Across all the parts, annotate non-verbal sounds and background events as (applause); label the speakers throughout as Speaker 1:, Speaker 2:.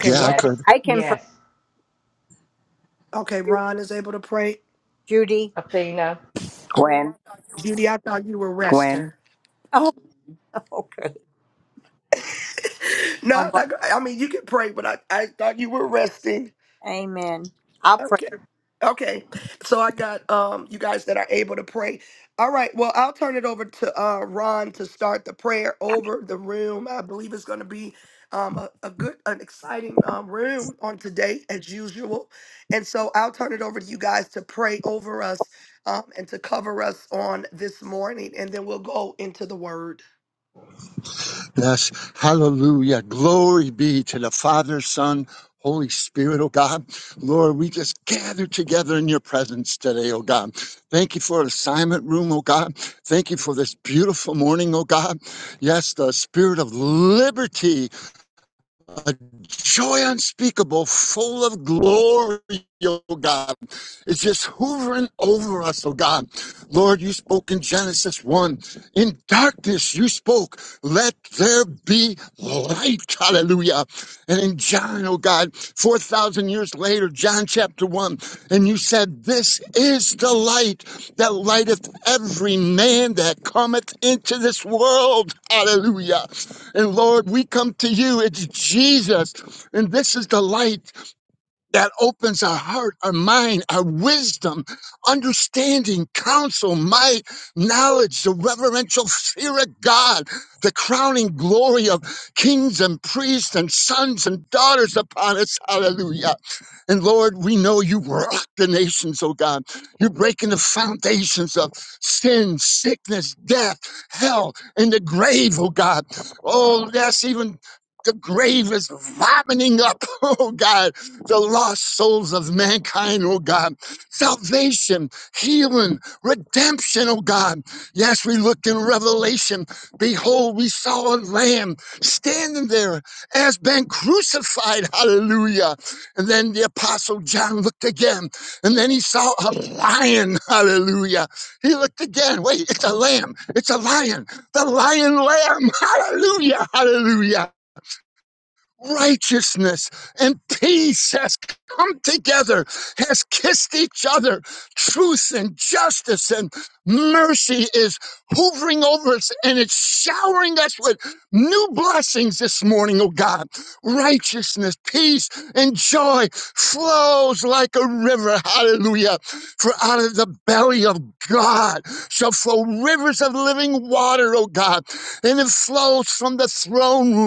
Speaker 1: Yeah, I
Speaker 2: Yes.
Speaker 1: could.
Speaker 3: I can pray,
Speaker 2: Yes.
Speaker 3: Judy.
Speaker 2: Athena.
Speaker 4: Gwen, Gwen,
Speaker 3: (laughs) Oh, okay. All right. Amen. I'll pray.
Speaker 1: Yes. Hallelujah. Glory be to the Father, Son, Holy Spirit, oh God. Lord, we just gather together in your presence today, oh God. Thank you for assignment room, oh God. Thank you for this beautiful morning, oh God. Yes, the spirit of liberty a joy unspeakable, full of glory, oh God. It's just hovering over us, oh God. Lord, you spoke in Genesis 1. In darkness you spoke, let there be light. Hallelujah. And in John, oh God, 4,000 years later, John chapter 1, and you said, This is the light that lighteth every man that cometh into this world. Hallelujah. And Lord, we come to you. It's Jesus. And this is the light that opens our heart, our mind, our wisdom, understanding, counsel, might, knowledge, the reverential fear of God, the crowning glory of kings and priests and sons and daughters upon us. Hallelujah. And Lord, we know you rock the nations, oh God. You're breaking the foundations of sin, sickness, death, hell, and the grave, oh God. Oh, that's even the grave is vomiting up, (laughs) oh God, the lost souls of mankind, oh God. Salvation, healing, redemption, oh God. Yes, we look in Revelation. Behold, we saw a lamb standing there as been crucified. Hallelujah. And then the apostle John looked again, and then he saw a lion. (laughs) Hallelujah. He looked again. Wait, it's a lamb. It's a lion. The lion lamb. (laughs) Hallelujah. Hallelujah righteousness and peace has come together, has kissed each other. Truth and justice and mercy is hovering over us and it's showering us with new blessings this morning, oh God. Righteousness, peace, and joy flows like a river. Hallelujah. For out of the belly of God shall flow rivers of living water, oh God. And it flows from the throne room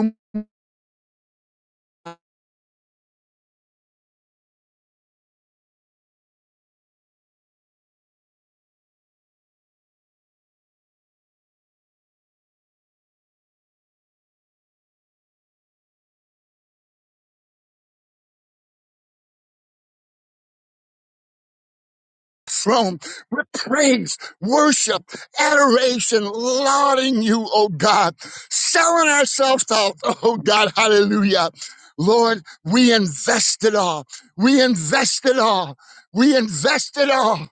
Speaker 1: throne with praise, worship, adoration, lauding you, oh God, selling ourselves out, (laughs) oh God, hallelujah. Lord, we invest it all. We invest it all. We invest it all.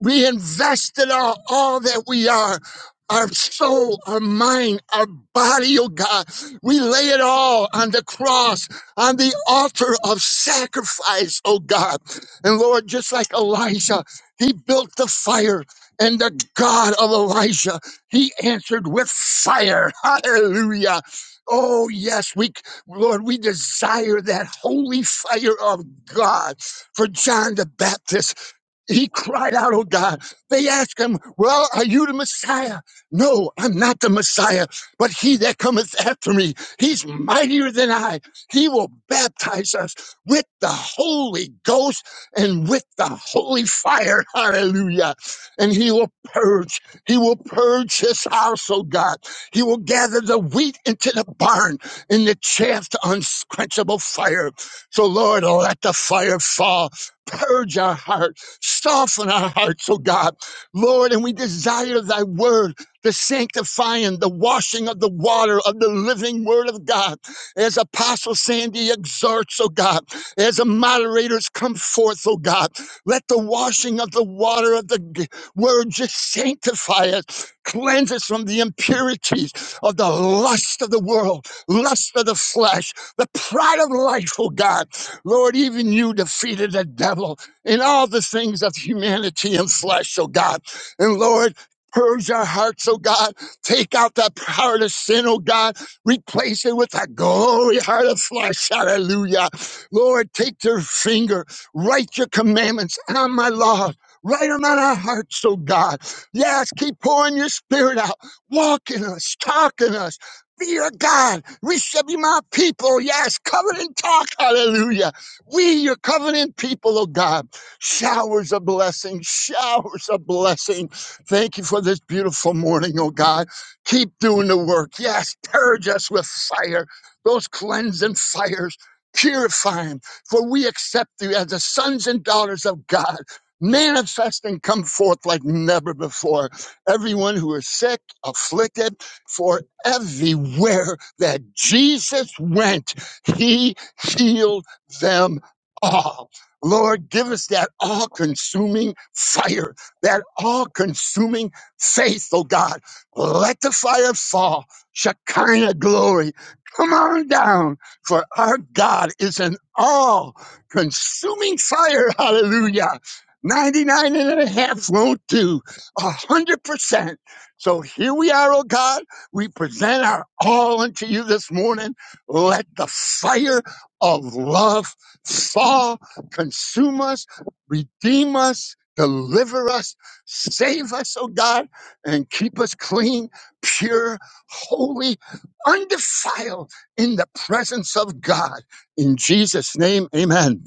Speaker 1: We invest it all, all that we are. Our soul, our mind, our body, oh God. We lay it all on the cross, on the altar of sacrifice, oh God. And Lord, just like Elijah. He built the fire, and the God of Elijah, he answered with fire. (laughs) Hallelujah. Oh, yes, we, Lord, we desire that holy fire of God for John the Baptist. He cried out, Oh God. They asked him, Well, are you the Messiah? No, I'm not the Messiah, but he that cometh after me, he's mightier than I. He will baptize us with the Holy Ghost and with the holy fire. Hallelujah. And he will purge. He will purge his house, oh God. He will gather the wheat into the barn and the chaff to unsquenchable fire. So, Lord, let the fire fall. Purge our hearts Soften our hearts, oh God. Lord, and we desire thy word, the sanctifying, the washing of the water of the living word of God. As Apostle Sandy exhorts, oh God, as the moderators come forth, oh God, let the washing of the water of the g- word just sanctify us, cleanse us from the impurities of the lust of the world, lust of the flesh, the pride of life, oh God. Lord, even you defeated the devil in all the things of humanity and flesh, oh God. And Lord, purge our hearts, oh God. Take out that heart of sin, oh God. Replace it with a glory heart of flesh. Hallelujah. Lord, take your finger, write your commandments on my law. Write them on our hearts, oh God. Yes, keep pouring your spirit out. Walk in us, talk in us. Be our God. We shall be my people. Yes, covenant talk. Hallelujah. We, your covenant people, oh God showers of blessing, showers of blessing. Thank you for this beautiful morning, oh God. Keep doing the work. Yes, purge us with fire, those cleansing fires. Purifying, for we accept you as the sons and daughters of God, manifest and come forth like never before. Everyone who is sick, afflicted, for everywhere that Jesus went, he healed them all. Lord, give us that all consuming fire, that all consuming faith, oh God. Let the fire fall. Shekinah glory, come on down, for our God is an all consuming fire. Hallelujah. 99 and a half won't do, 100%. So here we are, oh God. We present our all unto you this morning. Let the fire of love fall consume us, redeem us, deliver us, save us, oh God, and keep us clean, pure, holy, undefiled in the presence of God. In Jesus' name, amen.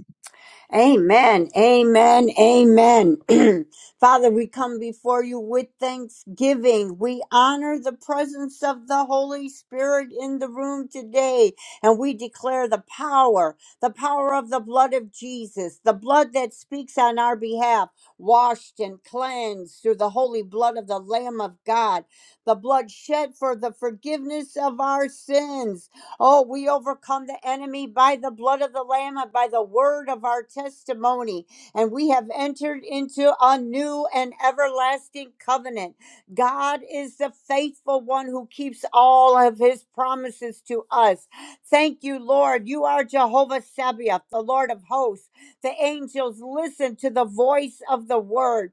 Speaker 3: Amen. Amen. Amen. (clears throat) Father, we come before you with thanksgiving. We honor the presence of the Holy Spirit in the room today, and we declare the power, the power of the blood of Jesus, the blood that speaks on our behalf, washed and cleansed through the holy blood of the Lamb of God, the blood shed for the forgiveness of our sins. Oh, we overcome the enemy by the blood of the Lamb and by the word of our testimony. And we have entered into a new and everlasting covenant. God is the faithful one who keeps all of his promises to us. Thank you, Lord. You are Jehovah Sabaoth, the Lord of hosts. The angels listen to the voice of the word.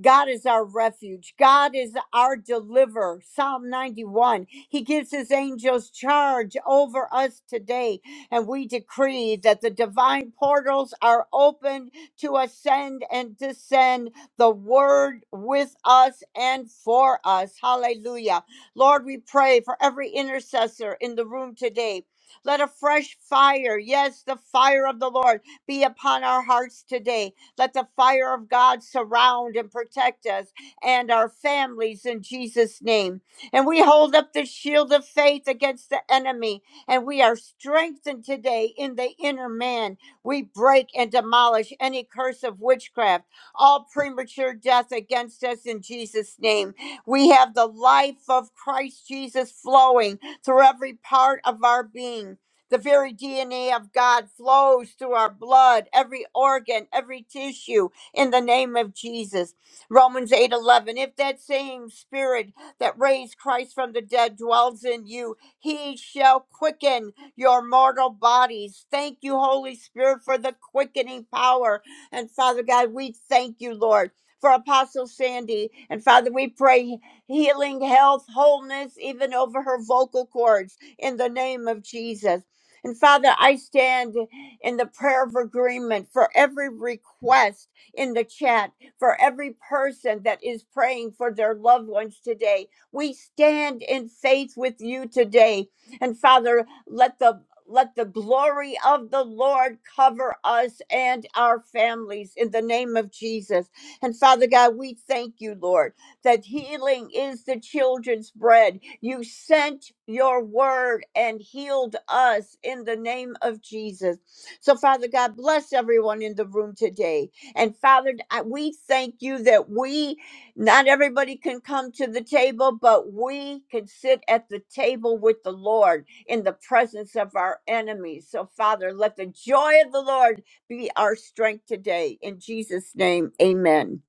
Speaker 3: God is our refuge. God is our deliverer. Psalm 91. He gives his angels charge over us today. And we decree that the divine portals are open to ascend and descend the word with us and for us. Hallelujah. Lord, we pray for every intercessor in the room today. Let a fresh fire, yes, the fire of the Lord, be upon our hearts today let the fire of God surround and protect us and our families in Jesus' name. And we hold up the shield of faith against the enemy, and we are strengthened today in the inner man. We break and demolish any curse of witchcraft, all premature death against us in Jesus' name. We have the life of Christ Jesus flowing through every part of our being the very DNA of God flows through our blood, every organ, every tissue in the name of Jesus. Romans 8:11. If that same spirit that raised Christ from the dead dwells in you, he shall quicken your mortal bodies. Thank you, Holy Spirit, for the quickening power. And Father God, we thank you, Lord. For Apostle Sandy. And Father, we pray healing, health, wholeness, even over her vocal cords in the name of Jesus. And Father, I stand in the prayer of agreement for every request in the chat, for every person that is praying for their loved ones today. We stand in faith with you today. And Father, let the let the glory of the Lord cover us and our families in the name of Jesus. And Father God, we thank you, Lord that healing is the children's bread. You sent your word and healed us in the name of Jesus. So, Father God, bless everyone in the room today. And Father, I- we thank you that we, not everybody can come to the table, but we can sit at the table with the Lord in the presence of our enemies. So, Father, let the joy of the Lord be our strength today. In Jesus' name, amen.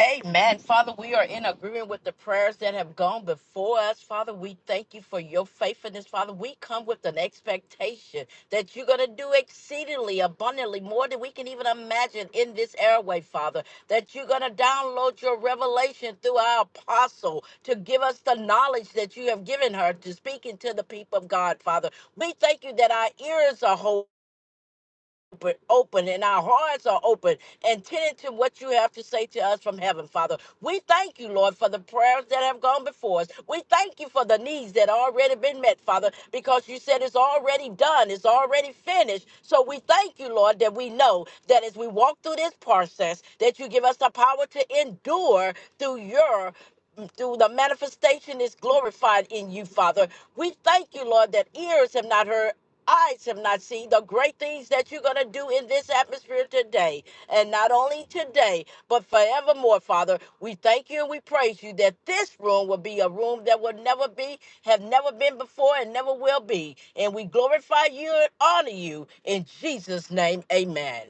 Speaker 2: Amen. Father, we are in agreement with the prayers that have gone before us. Father, we thank you for your faithfulness. Father, we come with an expectation that you're going to do exceedingly abundantly more than we can even imagine in this airway, Father. That you're going to download your revelation through our apostle to give us the knowledge that you have given her to speaking to the people of God, Father. We thank you that our ears are whole. open, open and our hearts are open and tending to what you have to say to us from heaven, Father. We thank you, Lord, for the prayers that have gone before us. We thank you for the needs that already been met, Father, because you said it's already done, it's already finished. So we thank you, Lord, that we know that as we walk through this process, that you give us the power to endure through your through the manifestation is glorified in you, Father. We thank you, Lord, that ears have not heard eyes have not seen the great things that you're going to do in this atmosphere today. And not only today, but forevermore, Father. We thank you and we praise you that this room will be a room that will never be, have never been before, and never will be. And we glorify you and honor you. In Jesus' name, amen.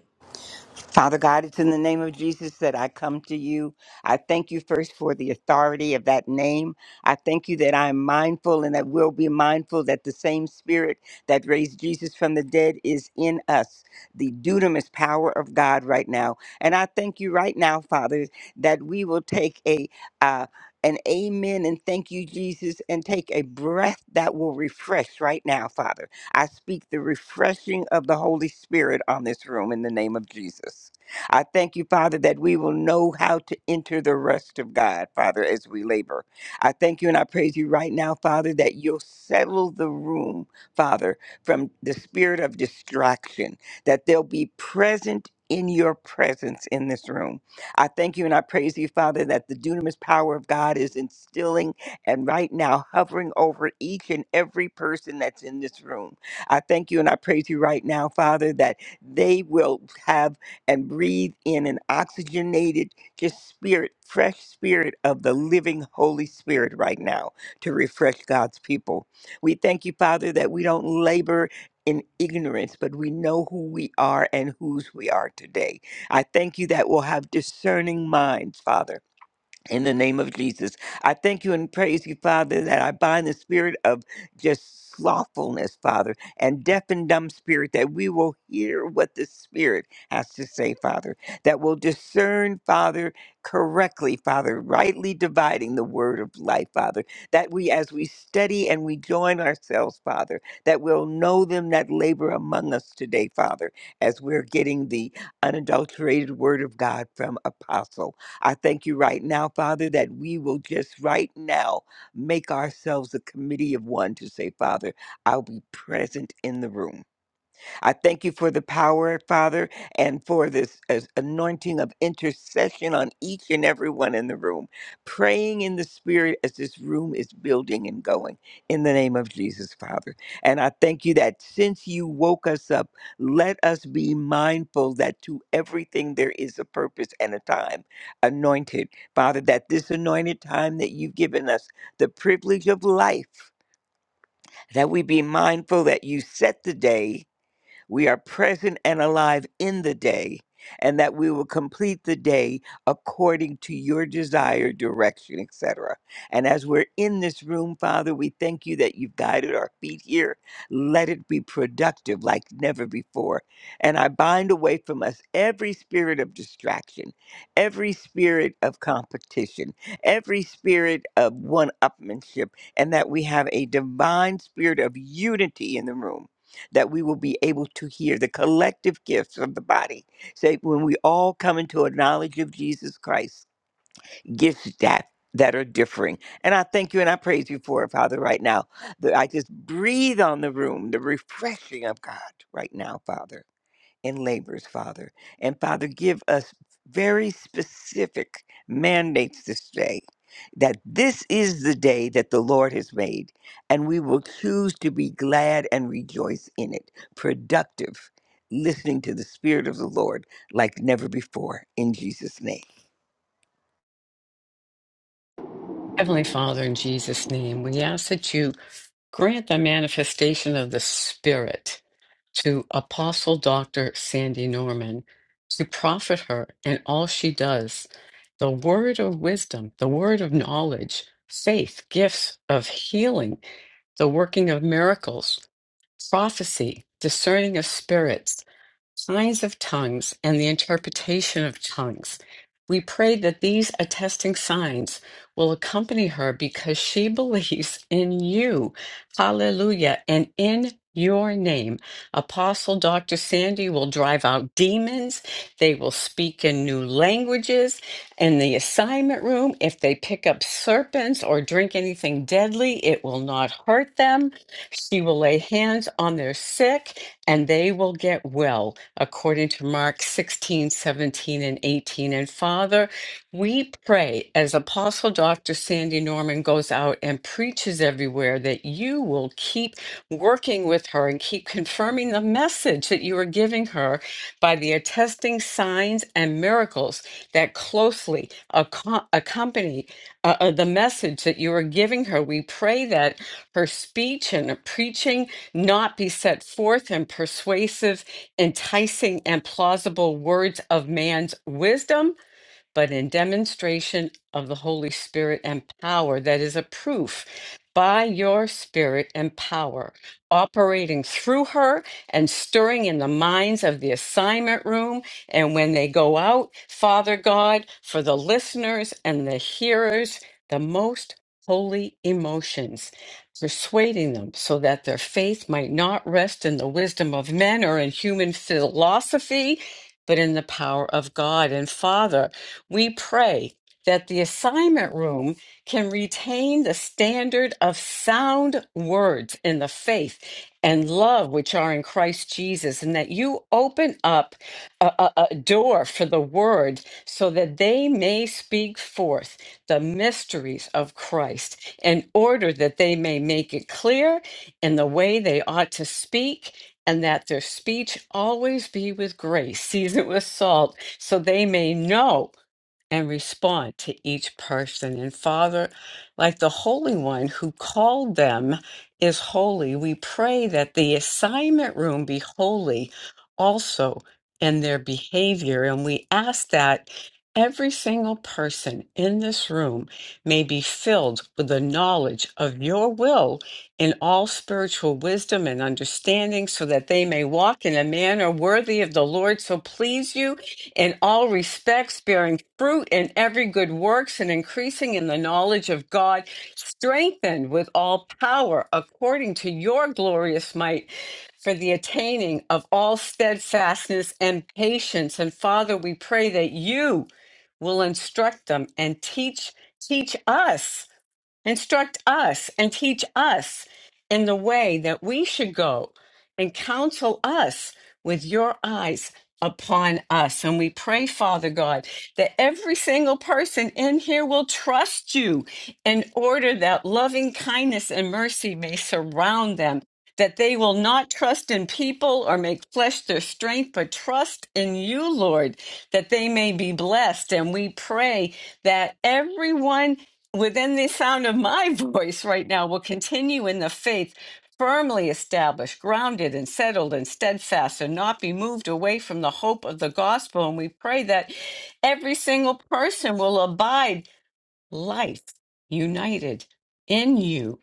Speaker 4: Father God, it's in the name of Jesus that I come to you. I thank you first for the authority of that name. I thank you that I am mindful and that we'll be mindful that the same spirit that raised Jesus from the dead is in us, the dunamis power of God right now. And I thank you right now, Father, that we will take a uh, an amen and thank you, Jesus, and take a breath that will refresh right now, Father. I speak the refreshing of the Holy Spirit on this room in the name of Jesus. I thank you, Father, that we will know how to enter the rest of God, Father, as we labor. I thank you and I praise you right now, Father, that you'll settle the room, Father, from the spirit of distraction, that they'll be present. In your presence in this room. I thank you and I praise you, Father, that the dunamis power of God is instilling and right now hovering over each and every person that's in this room. I thank you and I praise you right now, Father, that they will have and breathe in an oxygenated, just spirit, fresh spirit of the living Holy Spirit right now to refresh God's people. We thank you, Father, that we don't labor in ignorance, but we know who we are and whose we are today. I thank you that we'll have discerning minds, Father in the name of Jesus. I thank you and praise you, Father, that I bind the spirit of just slothfulness, Father, and deaf and dumb spirit, that we will hear what the Spirit has to say, Father, that will discern, Father, correctly, Father, rightly dividing the word of life, Father, that we, as we study and we join ourselves, Father, that we'll know them that labor among us today, Father, as we're getting the unadulterated word of God from Apostle. I thank you right now, Father, that we will just right now make ourselves a committee of one to say, Father, I'll be present in the room. I thank you for the power, Father, and for this as anointing of intercession on each and every one in the room, praying in the Spirit as this room is building and going in the name of Jesus, Father. And I thank you that since you woke us up, let us be mindful that to everything there is a purpose and a time anointed. Father, that this anointed time that you've given us, the privilege of life, that we be mindful that you set the day we are present and alive in the day, and that we will complete the day according to your desire, direction, etc. And as we're in this room, Father, we thank you that you've guided our feet here. Let it be productive like never before. And I bind away from us every spirit of distraction, every spirit of competition, every spirit of one upmanship, and that we have a divine spirit of unity in the room that we will be able to hear the collective gifts of the body. Say, when we all come into a knowledge of Jesus Christ, gifts that that are differing. And I thank you and I praise you for it, Father, right now. That I just breathe on the room, the refreshing of God right now, Father and labors, Father. And Father, give us very specific mandates this day that this is the day that the Lord has made, and we will choose to be glad and rejoice in it, productive, listening to the Spirit of the Lord like never before, in Jesus' name.
Speaker 5: Heavenly Father, in Jesus' name, we ask that you grant the manifestation of the Spirit to Apostle Dr. Sandy Norman to profit her in all she does the word of wisdom, the word of knowledge, faith, gifts of healing, the working of miracles, prophecy, discerning of spirits signs of tongues and the interpretation of tongues. We pray that these attesting signs will accompany her because she (laughs) believes in you. Hallelujah. And in your name, Apostle Dr. Sandy will drive out demons. They will speak in new languages in the assignment room. If they pick up serpents or drink anything deadly, it will not hurt them. She will lay hands on their sick and they will get well, according to Mark 16, 17, and 18. And Father, we pray as Apostle Dr. Sandy Norman goes out and preaches everywhere that you will keep working with her and keep confirming the message that you are giving her by the attesting signs and miracles that closely acco- accompany uh, uh, the message that you are giving her. We pray that her speech and her preaching not be set forth in persuasive, enticing, and plausible words of man's wisdom but in demonstration of the Holy Spirit and power that is a proof by your spirit and power operating through her and stirring in the minds of the assignment room and when they go out father god for the listeners and the hearers the most holy emotions persuading them so that their faith might not rest in the wisdom of men or in human philosophy but in the power of God and Father we pray that the assignment room can retain the standard of sound words in the faith and love which are in Christ Jesus, and that you open up a, a a door for the word so that they may speak forth the mysteries of Christ in order that they may make it clear in the way they ought to speak, and that their speech always be with grace, (laughs) seasoned with salt, so they may know and respond to each person. And Father, like the Holy One who called them is holy, we pray that the assignment room be holy also in their behavior. And we ask that every single person in this room may be filled with the knowledge of your will in all spiritual wisdom and understanding so that they may walk in a manner worthy of the Lord. So please you in all respects, bearing fruit in every good works and increasing in the knowledge of God, strengthened with all power according to your glorious might for the attaining of all steadfastness and patience. And Father, we pray that you will instruct them and teach teach us Instruct us and teach us in the way that we should go and counsel us with your eyes upon us. And we pray, Father God, that every single person in here will trust you in order that loving kindness and mercy may surround them. That they will not trust in people or make flesh their strength, but trust in you, Lord, that they may be blessed. And we pray that everyone within the sound of my (laughs) voice right now will continue in the faith firmly established grounded and settled and steadfast and not be moved away from the hope of the gospel and we pray that every single person will abide life united in you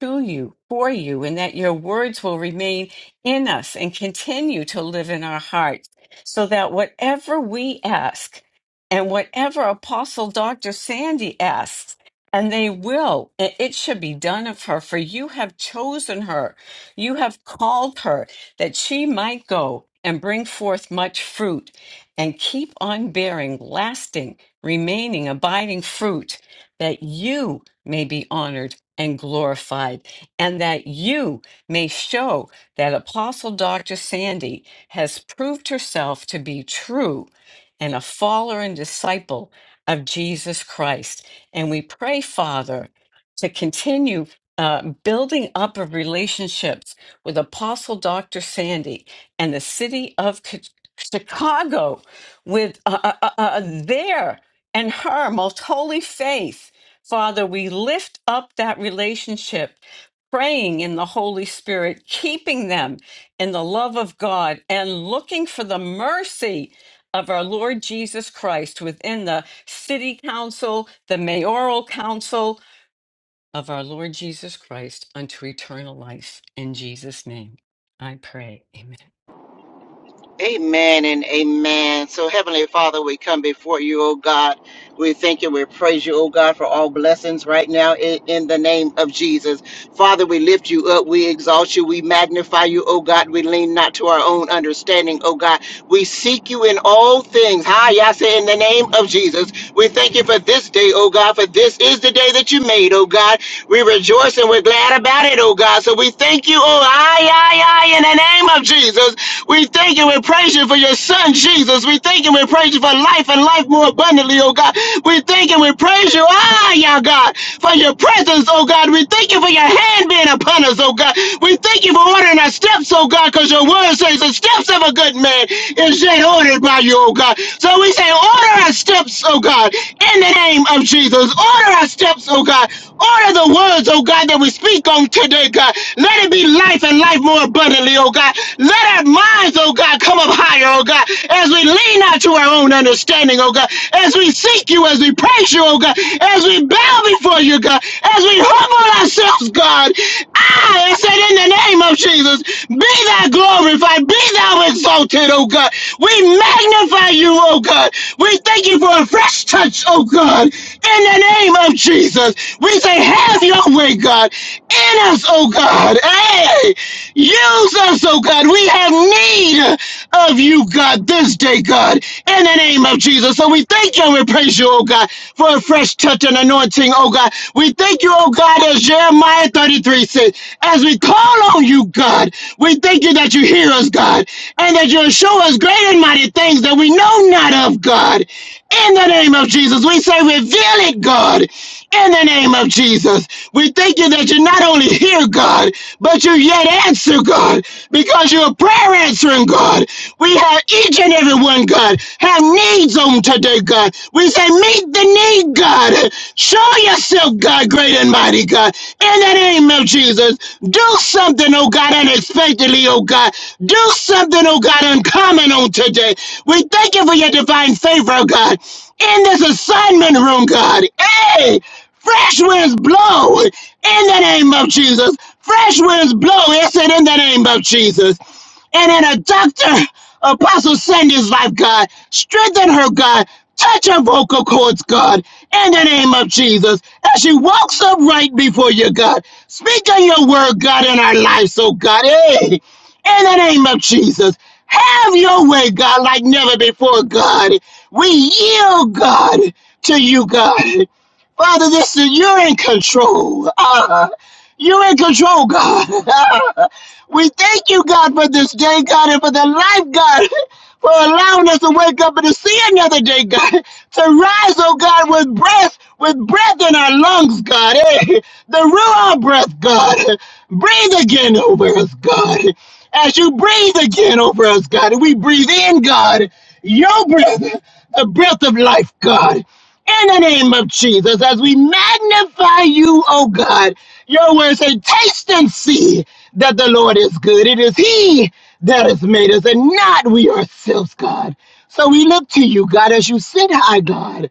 Speaker 5: to you, for you, and that your words will remain in us and continue to live in our hearts, so that whatever we ask and whatever Apostle Dr. Sandy asks, and they will, and it should be done of her, for you have chosen her, you have called her, that she might go and bring forth much fruit and keep on bearing lasting, remaining, abiding fruit that you may be honored and glorified, and that you may show that Apostle Dr. Sandy has proved herself to be true and a follower and disciple of Jesus Christ. And we pray, Father, to continue uh, building up of relationships with Apostle Dr. Sandy and the city of Chi- Chicago with uh, uh, uh, uh, their and her most holy faith. Father, we lift up that relationship, praying in the Holy Spirit, keeping them in the love of God, and looking for the mercy of our Lord Jesus Christ within the city council, the mayoral council of our Lord Jesus Christ unto eternal life. In Jesus' name, I pray. Amen.
Speaker 6: Amen and amen. So, Heavenly Father, we come before you, oh God. We thank you. We praise you, oh God, for all blessings right now in, in the name of Jesus. Father, we lift you up. We exalt you. We magnify you, oh God. We lean not to our own understanding, oh God. We seek you in all things. Hi, I say in the name of Jesus. We thank you for this day, oh God, for this is the day that you made, oh God. We rejoice and we're glad about it, oh God. So we thank you, oh, aye, aye, aye, in the name of Jesus. We thank you and praise you for your son, Jesus. We thank you and praise you for life and life more abundantly, oh God. We thank you and praise you, ah, yeah, God, for your presence, oh God. We thank you for your hand being upon us, oh God. We thank you for ordering our steps, oh God, because your word says the steps of a good man is yet ordered by you, oh God. So we say, order Order our steps, oh God, in the name of Jesus. Order our steps, oh God. Order the words, oh God, that we speak on today, God. Let it be life and life more abundantly, oh God. Let our minds, oh God, come up higher, oh God, as we lean out to our own understanding, oh God, as we seek you, as we praise you, oh God, as we bow before you, God, as we humble ourselves, God. I, I said, in the name of Jesus, be thou glorified, be thou exalted, oh God. We magnify magnify you, oh God. We thank you for a fresh touch, oh God. In the name of Jesus, we say, have your way, God. In us, oh God. Hey, use us, oh God. We have need of you, God, this day, God. In the name of Jesus. So we thank you and we praise you, oh God, for a fresh touch and anointing, oh God. We thank you, oh God, as Jeremiah 33 says, as we call on you, God, we thank you that you hear us, God, and that you show us those great and mighty things that we know not of, God. In the name of Jesus, we say, reveal it, God. In the name of Jesus, we thank you that you not only hear, God, but you yet answer, God, because you're a prayer answering God. We have each and every one, God, have needs on today, God. We say, meet the need, God. Show yourself, God, great and mighty, God. In the name of Jesus, do something, oh God, unexpectedly, oh God. Do something something, oh God, uncommon on today. We thank you for your divine favor, oh God, in this assignment room, God. Hey, fresh winds blow in the name of Jesus. Fresh winds blow, yes, and in the name of Jesus and in a doctor, Apostle Sandy's life, God. Strengthen her, God. Touch her vocal cords, God, in the name of Jesus. As she walks upright before you, God. Speak on your word, God, in our lives, oh God. Hey! In the name of Jesus, have your way, God, like never before, God. We yield, God, to you, God. Father, this is you're in control. Ah, you're in control, God. (laughs) We thank you, God, for this day, God, and for the life, God, (laughs) for allowing us to wake up and to see another day, God, (laughs) to rise, oh God, with breath, with breath in our lungs, God, eh? (laughs) the Ruah breath, God. (laughs) Breathe again over us, God. (laughs) As you breathe again over us, God, and we breathe in, God, your breath, (laughs) the breath of life, God in the name of Jesus, as we magnify you, oh God. Your words say, taste and see that the Lord is good. It is He that has made us and not we ourselves, God. So we look to you, God, as you sit high, God.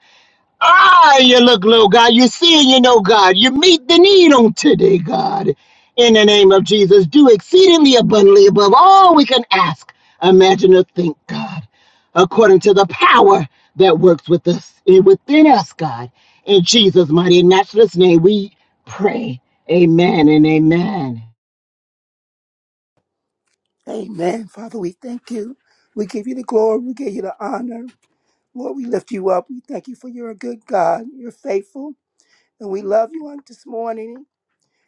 Speaker 6: Ah, you look, little God. You see, you know, God. You meet the need on today, God. In the name of Jesus, do exceedingly abundantly above all we can ask, imagine, or think, God, according to the power that works with us and within us, God. In Jesus' mighty and matchless name, we pray. Amen and amen.
Speaker 7: Amen. Father, we thank you. We give you the glory. We give you the honor. Lord, we lift you up. We thank you for you're a good God. You're faithful. And we love you on this morning.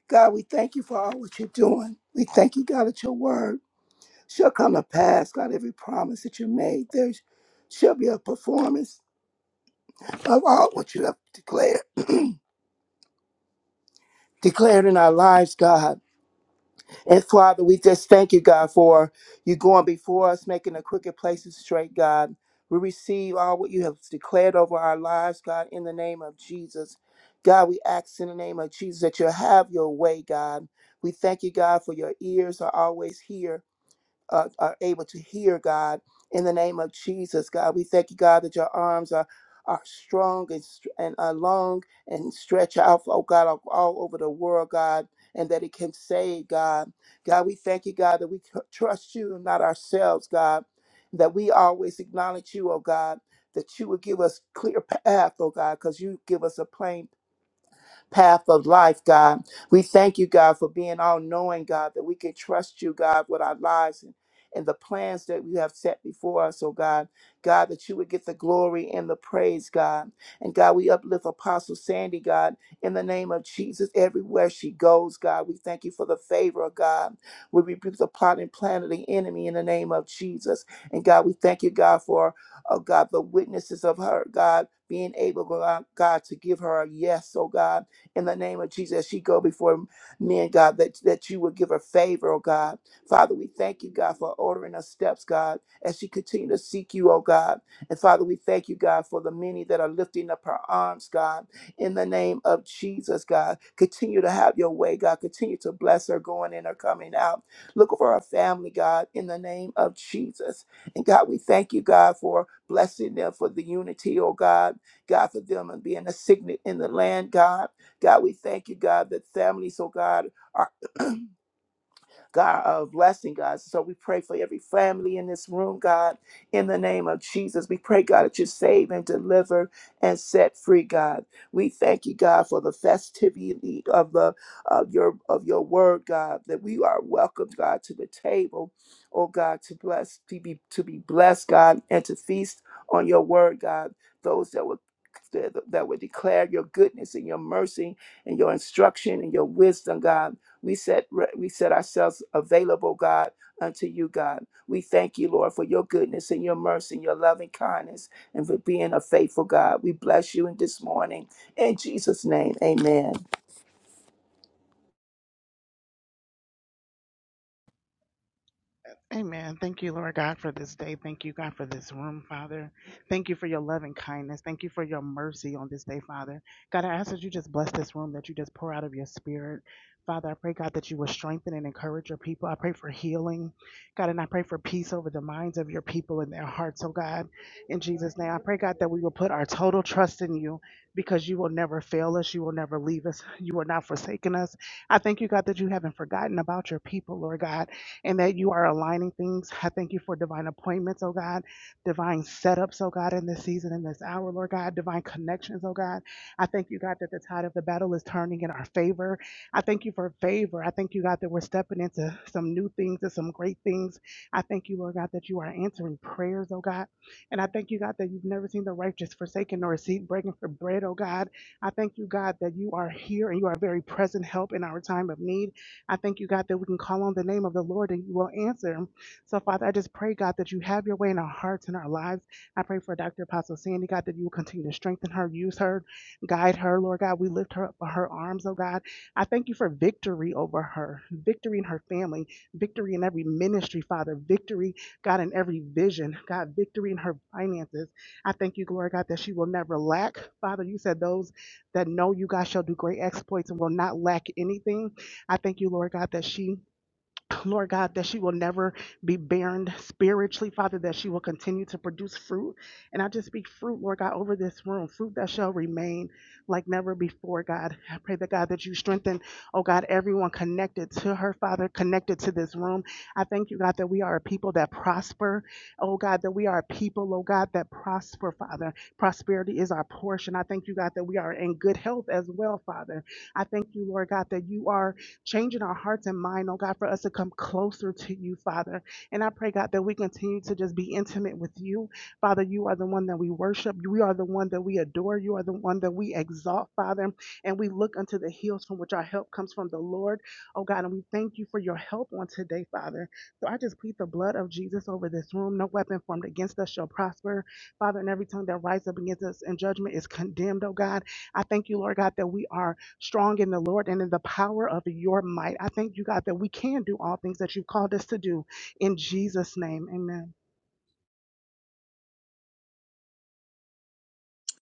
Speaker 7: God, we thank you for all what you're doing. We thank you, God, that your word shall come to pass. God, every promise that you made, there shall be a performance of all what you have declared, declared in our lives, God. And Father, we just thank you, God, for you going before us, making the crooked places straight, God. We receive all what you have declared over our lives, God, in the name of Jesus. God, we ask in the name of Jesus that you have your way, God. We thank you, God, for your ears are always here uh, are able to hear, God. In the name of Jesus, God, we thank you, God, that your arms are are strong and, str- and are long and stretch out, oh God, all, all over the world, God, and that it can save, God. God, we thank you, God, that we tr- trust you and not ourselves, God, that we always acknowledge you, oh God, that you would give us clear path, oh God, because you give us a plain path of life, God. We thank you, God, for being all knowing, God, that we can trust you, God, with our lives and, and the plans that you have set before us, oh God. God, that you would get the glory and the praise, God. And God, we uplift Apostle Sandy, God, in the name of Jesus, everywhere she goes, God. We thank you for the favor of God. We rebuke the plot and plan of the enemy in the name of Jesus. And God, we thank you, God, for, oh God, the witnesses of her, God, being able, God, God, to give her a yes, oh God. In the name of Jesus, she go before me and God that, that you would give her favor, oh God. Father, we thank you, God, for ordering her steps, God, as she continue to seek you, oh God. And Father, we thank you, God, for the many that are lifting up her arms, God. In the name of Jesus, God, continue to have your way, God. Continue to bless her going in or coming out. Look for her family, God, in the name of Jesus. And God, we thank you, God, for blessing them for the unity, oh God. God, for them and being a signet in the land, God. God, we thank you, God, that families, oh God, are (clears throat) God, a blessing, God. So we pray for every family in this room, God, in the name of Jesus. We pray, God, that you save and deliver and set free, God. We thank you, God, for the festivity of the of your of your word, God, that we are welcomed, God, to the table, oh God, to bless, to be to be blessed, God, and to feast on your word, God. Those that will that that will declare your goodness and your mercy and your instruction and your wisdom, God. We set we set ourselves available, God, unto you, God. We thank you, Lord, for your goodness and your mercy and your loving kindness and for being a faithful God. We bless you in this morning. In Jesus' name, amen.
Speaker 8: Amen. Thank you, Lord God, for this day. Thank you, God, for this room, Father. Thank you for your loving kindness. Thank you for your mercy on this day, Father. God, I ask that you just bless this room, that you just pour out of your spirit. Father, I pray, God, that you will strengthen and encourage your people. I pray for healing, God, and I pray for peace over the minds of your people and their hearts, oh God, in Jesus' name. I pray, God, that we will put our total trust in you because you will never fail us. You will never leave us. You are not forsaken us. I thank you, God, that you haven't forgotten about your people, Lord God and that you are aligning things. I thank you for divine appointments, oh God, divine setups, oh God, in this season, in this hour, Lord God, divine connections, oh God. I thank you, God, that the tide of the battle is turning in our favor. I thank you for favor. I thank you, God, that we're stepping into some new things and some great things. I thank you, Lord God, that you are answering prayers, oh God. And I thank you, God, that you've never seen the righteous forsaken nor a seed breaking for bread, oh God. I thank you, God, that you are here and you are very present help in our time of need. I thank you, God, that we can call on the name of the Lord and you will answer. So, Father, I just pray, God, that you have your way in our hearts and our lives. I pray for Dr. Apostle Sandy, God, that you will continue to strengthen her, use her, guide her, Lord God. We lift her up by her arms, oh God. I thank you for victory over her, victory in her family, victory in every ministry, Father, victory, God, in every vision, God, victory in her finances. I thank you, glory God, that she will never lack. Father, you said those that know you, God, shall do great exploits and will not lack anything. I thank you, Lord God, that she. (clears throat) Lord God, that she will never be barren spiritually, Father, that she will continue to produce fruit. And I just speak fruit, Lord God, over this room, fruit that shall remain like never before, God. I pray that, God, that you strengthen, oh God, everyone connected to her, Father, connected to this room. I thank you, God, that we are a people that prosper, oh God, that we are a people, oh God, that prosper, Father. Prosperity is our portion. I thank you, God, that we are in good health as well, Father. I thank you, Lord God, that you are changing our hearts and mind, oh God, for us to come closer to you, Father. And I pray, God, that we continue to just be intimate with you. Father, you are the one that we worship. You are the one that we adore. You are the one that we exalt, Father. And we look unto the hills from which our help comes from the Lord, oh God. And we thank you for your help on today, Father. So I just plead the blood of Jesus over this room. No weapon formed against us shall prosper, Father. And every tongue that rises up against us in judgment is condemned, oh God. I thank you, Lord God, that we are strong in the Lord and in the power of your might. I thank you, God, that we can do all things that you've called us to do in Jesus' name. Amen.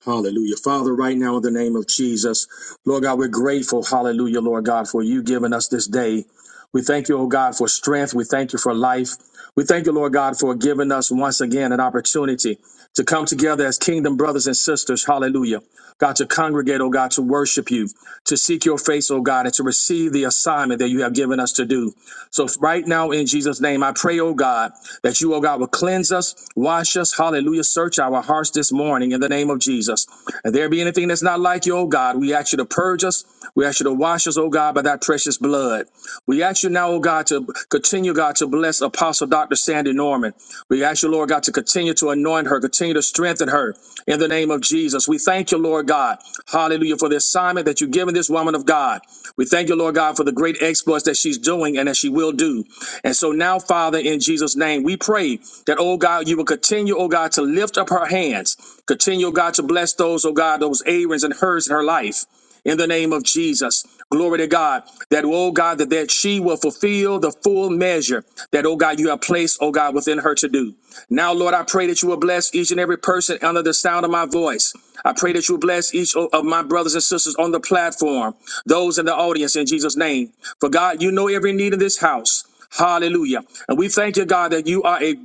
Speaker 9: Hallelujah. Father, right now in the name of Jesus, Lord God, we're grateful, hallelujah, Lord God, for you giving us this day. We thank you, oh God, for strength. We thank you for life. We thank you, Lord God, for giving us once again an opportunity to come together as kingdom brothers and sisters, hallelujah. God, to congregate, oh God, to worship you, to seek your face, oh God, and to receive the assignment that you have given us to do. So right now, in Jesus' name, I pray, oh God, that you, oh God, will cleanse us, wash us, hallelujah, search our hearts this morning in the name of Jesus. And there be anything that's not like you, oh God, we ask you to purge us. We ask you to wash us, oh God, by that precious blood. We ask you now, oh God, to continue, God, to bless Apostle Dr. Sandy Norman. We ask you, Lord God, to continue to anoint her, continue to strengthen her in the name of Jesus. We thank you, Lord God, hallelujah, for the assignment that you've given this woman of God. We thank you, Lord God, for the great exploits that she's doing and that she will do. And so now, Father, in Jesus' name, we pray that, oh God, you will continue, oh God, to lift up her hands. Continue, oh God, to bless those, oh God, those Aaron's and hers in her life. In the name of Jesus. Glory to God. That, oh God, that, that she will fulfill the full measure that, oh God, you have placed, oh God, within her to do. Now, Lord, I pray that you will bless each and every person under the sound of my voice. I pray that you will bless each o- of my brothers and sisters on the platform, those in the audience, in Jesus' name. For God, you know every need in this house. Hallelujah. And we thank you, God, that you are a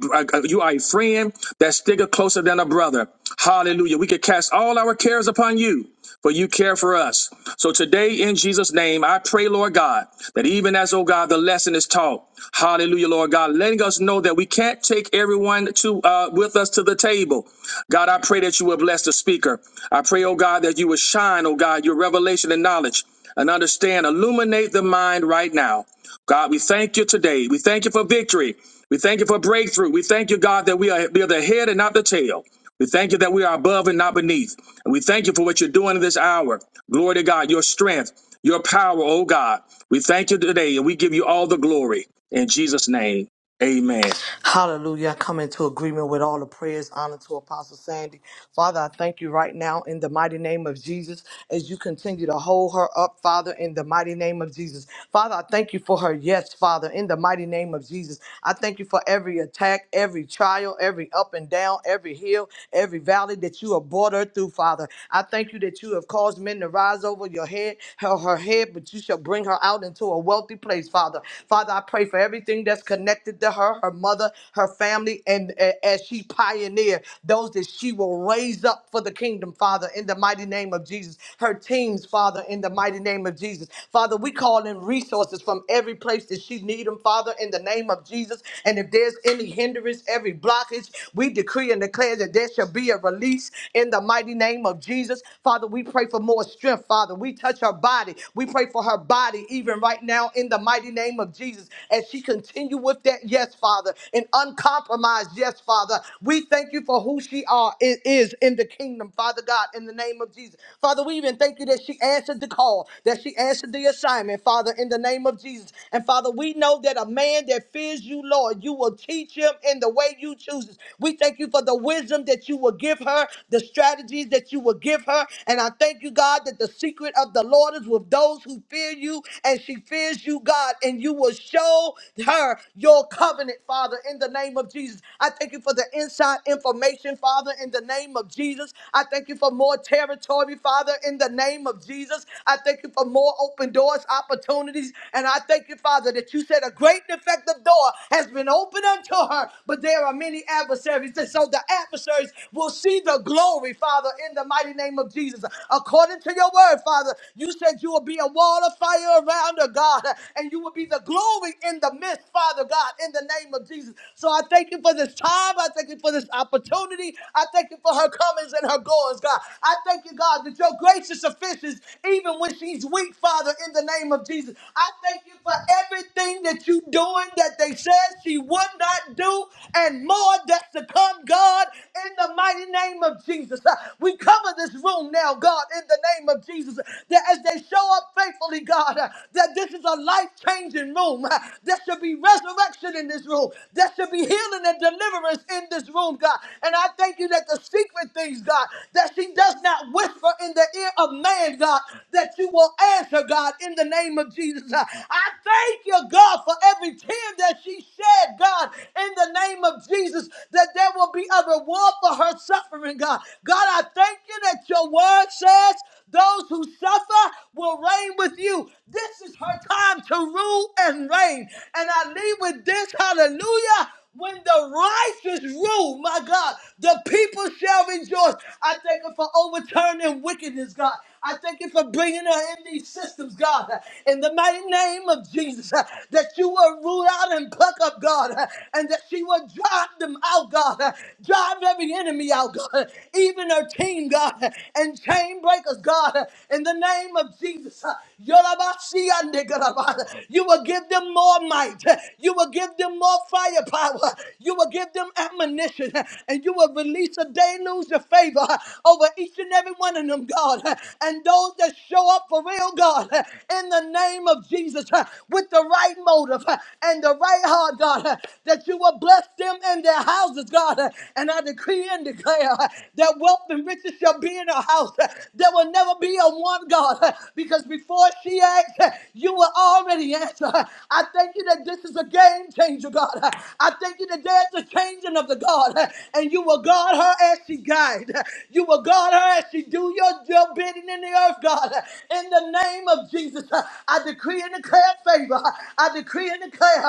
Speaker 9: you are a friend that sticker closer than a brother. Hallelujah. We can cast all our cares upon you for you care for us. So today, in Jesus' name, I pray, Lord God, that even as, oh God, the lesson is taught, hallelujah, Lord God, letting us know that we can't take everyone to uh, with us to the table. God, I pray that you will bless the speaker. I pray, oh God, that you will shine, oh God, your revelation and knowledge and understand, illuminate the mind right now. God, we thank you today. We thank you for victory. We thank you for breakthrough. We thank you, God, that we are, we are the head and not the tail. We thank you that we are above and not beneath. We thank you for what you're doing this hour. Glory to God, your strength, your power, oh God. We thank you today and we give you all the glory. In Jesus' name, amen.
Speaker 10: Hallelujah. I come into agreement with all the prayers, honor to Apostle Sandy. Father, I thank you right now in the mighty name of Jesus as you continue to hold her up, Father, in the mighty name of Jesus. Father, I thank you for her yes, Father, in the mighty name of Jesus. I thank you for every attack, every trial, every up and down, every hill, every valley that you have brought her through, Father. I thank you that you have caused men to rise over your head, her, her head, but you shall bring her out into a wealthy place, Father. Father, I pray for every everything that's connected to her, her mother, her family, and uh, as she pioneered those that she will raise up for the kingdom, Father, in the mighty name of Jesus. Her teams, Father, in the mighty name of Jesus. Father, we call in resources from every place that she need them, Father, in the name of Jesus. And if there's any hindrance, every blockage, we decree and declare that there shall be a release in the mighty name of Jesus. Father, we pray for more strength, Father. We touch her body. We pray for her body even right now now in the mighty name of Jesus. As she continue with that, yes, Father, and uncompromised, yes, Father. We thank you for who she are i- is in the kingdom, Father God, in the name of Jesus. Father, we even thank you that she answered the call, that she answered the assignment, Father, in the name of Jesus. And Father, we know that a man that fears you, Lord, you will teach him in the way you chooses. We thank you for the wisdom that you will give her, the strategies that you will give her. And I thank you, God, that the secret of the Lord is with those those who fear you, and she fears you, God, and you will show her your covenant, Father, in the name of Jesus. I thank you for the inside information, Father, in the name of Jesus. I thank you for more territory, Father, in the name of Jesus. I thank you for more open doors, opportunities, and I thank you, Father, that you said a great and effective door has been opened unto her, but there are many adversaries, and so the adversaries will see the glory, Father, in the mighty name of Jesus. According according to your word, Father. You said you will be a wall of fire around her, God, and you will be the glory in the midst, Father God, in the name of Jesus. So I thank you for this time. I thank you for this opportunity. I thank you for her comings and her goings, God. I thank you, God, that your grace is sufficient even when she's weak, Father, in the name of Jesus. I thank you for everything that you doing that they said she would not do and more that's to come, God, in the mighty name of Jesus. Uh, We we cover this room now, God, in the name of Jesus, that as they show up faithfully, God, uh, that this is a life changing room. Uh, There should be resurrection in this room. There should be healing and deliverance in this room, God. And I thank you that the secret things, God, that she does not whisper in the ear of man, God, that you will answer, God, in the name of Jesus. Uh, I thank you, God, for every tear that she shed, God, in the name of Jesus, that there will be a reward over her suffering, God. God, I thank you that your word says those who suffer will reign with you. This is her time to rule and reign. And I leave with this hallelujah. When the righteous rule, my God, the people shall rejoice. I thank you for overturning wickedness, God. I thank you for bringing her in these systems, God. In the mighty name of Jesus, uh, that you will root out and pluck up, God, uh, and that she will drive them out, God. uh, Drive every enemy out, God. uh, Even her team, God, uh, and chain breakers, God. uh, In the name of Jesus, uh, Yorabasiyandegoraba, you will give them more might. uh, You will give them more firepower. uh, You will give them ammunition, uh, and you will release a deluge of favor uh, over each and every one of them, God and those that show up for real, God, in the name of Jesus, with the right motive and the right heart, God, that you will bless them in their houses, God. And I decree and declare that wealth and riches shall be in our house. There will never be a one, God, because before she acts, you will already answer. I thank you that this is a game changer, God. I thank you that there's a changing of the God, and you will guard her as she guides. You will guard her as she do your job forbidden in the earth, God. In the name of Jesus, I decree and declare favor. I decree and declare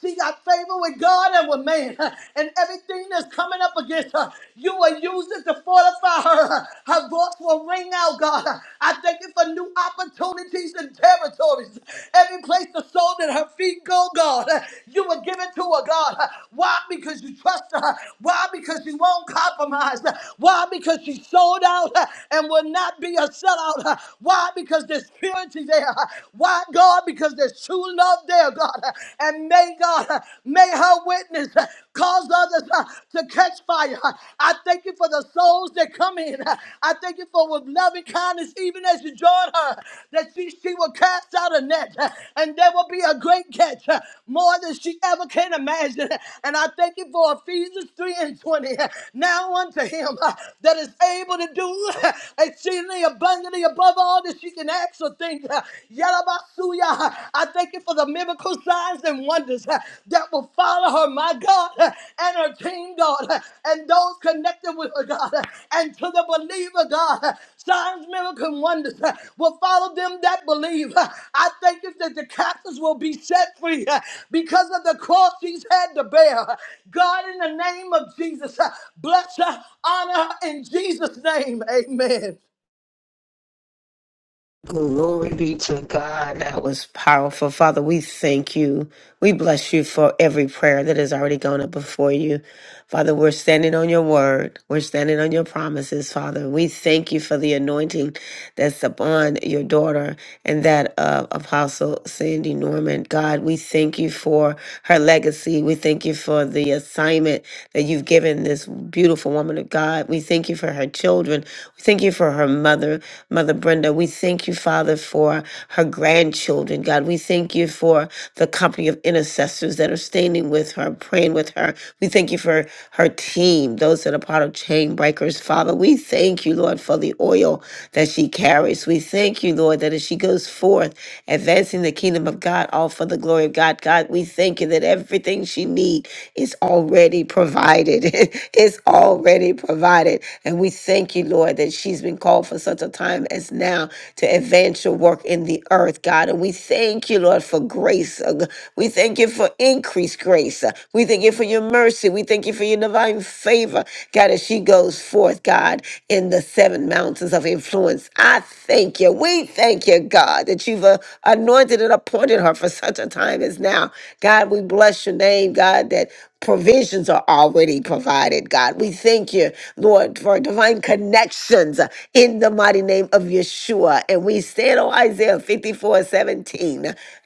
Speaker 10: she got favor with God and with man. And everything that's coming up against her, you will use it to fortify her. Her voice will ring out, God. I thank you for new opportunities and territories. Every place the soul that her feet go, God, you will give it to her, God. Why? Because you trust her. Why? Because she won't compromise. Why? Because she sold out and will not not be a sellout. Uh, Why? Because there's purity there. Uh, Why, God? Because there's true love there, God. Uh, And may God, uh, may her witness uh, cause others uh, to catch fire. Uh, I thank you for the souls that come in. Uh, I thank you for with loving kindness, even as you join her, that she, she will cast out a net uh, and there will be a great catch, uh, more than she ever can imagine. huh? And I thank you for Ephesians 3 and 20. huh? Now unto him uh, that is able to do exceedingly abundantly above all that she can ask or think. Yalabasuya. I thank you for the miracle signs and wonders uh, that will follow her, my God, uh, and her team, God, uh, and those connected with her, God, uh, and to the believer, God. uh, Signs, miracles, and wonders uh, will follow them that believe. Uh, I thank you that the captives will be set free uh, because of the cross she's had to bear. Uh, God, in the name of Jesus, uh, bless her, honor her in Jesus' name. Amen.
Speaker 11: Glory be to God. That was powerful. Father, we thank you. We bless you for every prayer that has already gone up before you. Father, we're standing on your word. We're standing on your promises, Father. We thank you for the anointing that's upon your daughter and that of Apostle Sandy Norman. God, we thank you for her legacy. We thank you for the assignment that you've given this beautiful woman of God. We thank you for her children. We thank you for her mother, Mother Brenda. We thank you, Father, for her grandchildren. God, we thank you for the company of intercessors that are standing with with her, praying with her. We thank you for her team, those that are part of Chain Breakers, Father. We thank you, Lord, for the oil that she carries. We thank you, Lord, that as she goes forth, advancing the kingdom of God, all for the glory of God. God, we thank you that everything she needs is already provided. (laughs) it's already provided. And we thank you, Lord, that she's been called for such a time as now to advance your work in the earth, God. And we thank you, Lord, for grace, uh, Father. We thank you for increased grace. We thank you for your mercy. We thank you for your divine favor, God, as she goes forth, God, in the seven mountains of influence. I thank you. We thank you, God, that you've uh, anointed and appointed her for such a time as now. God, we bless your name, God, that provisions are already provided, God. We thank you, Lord, for divine connections uh, in the mighty name of Yeshua. And we stand on Isaiah 54 17.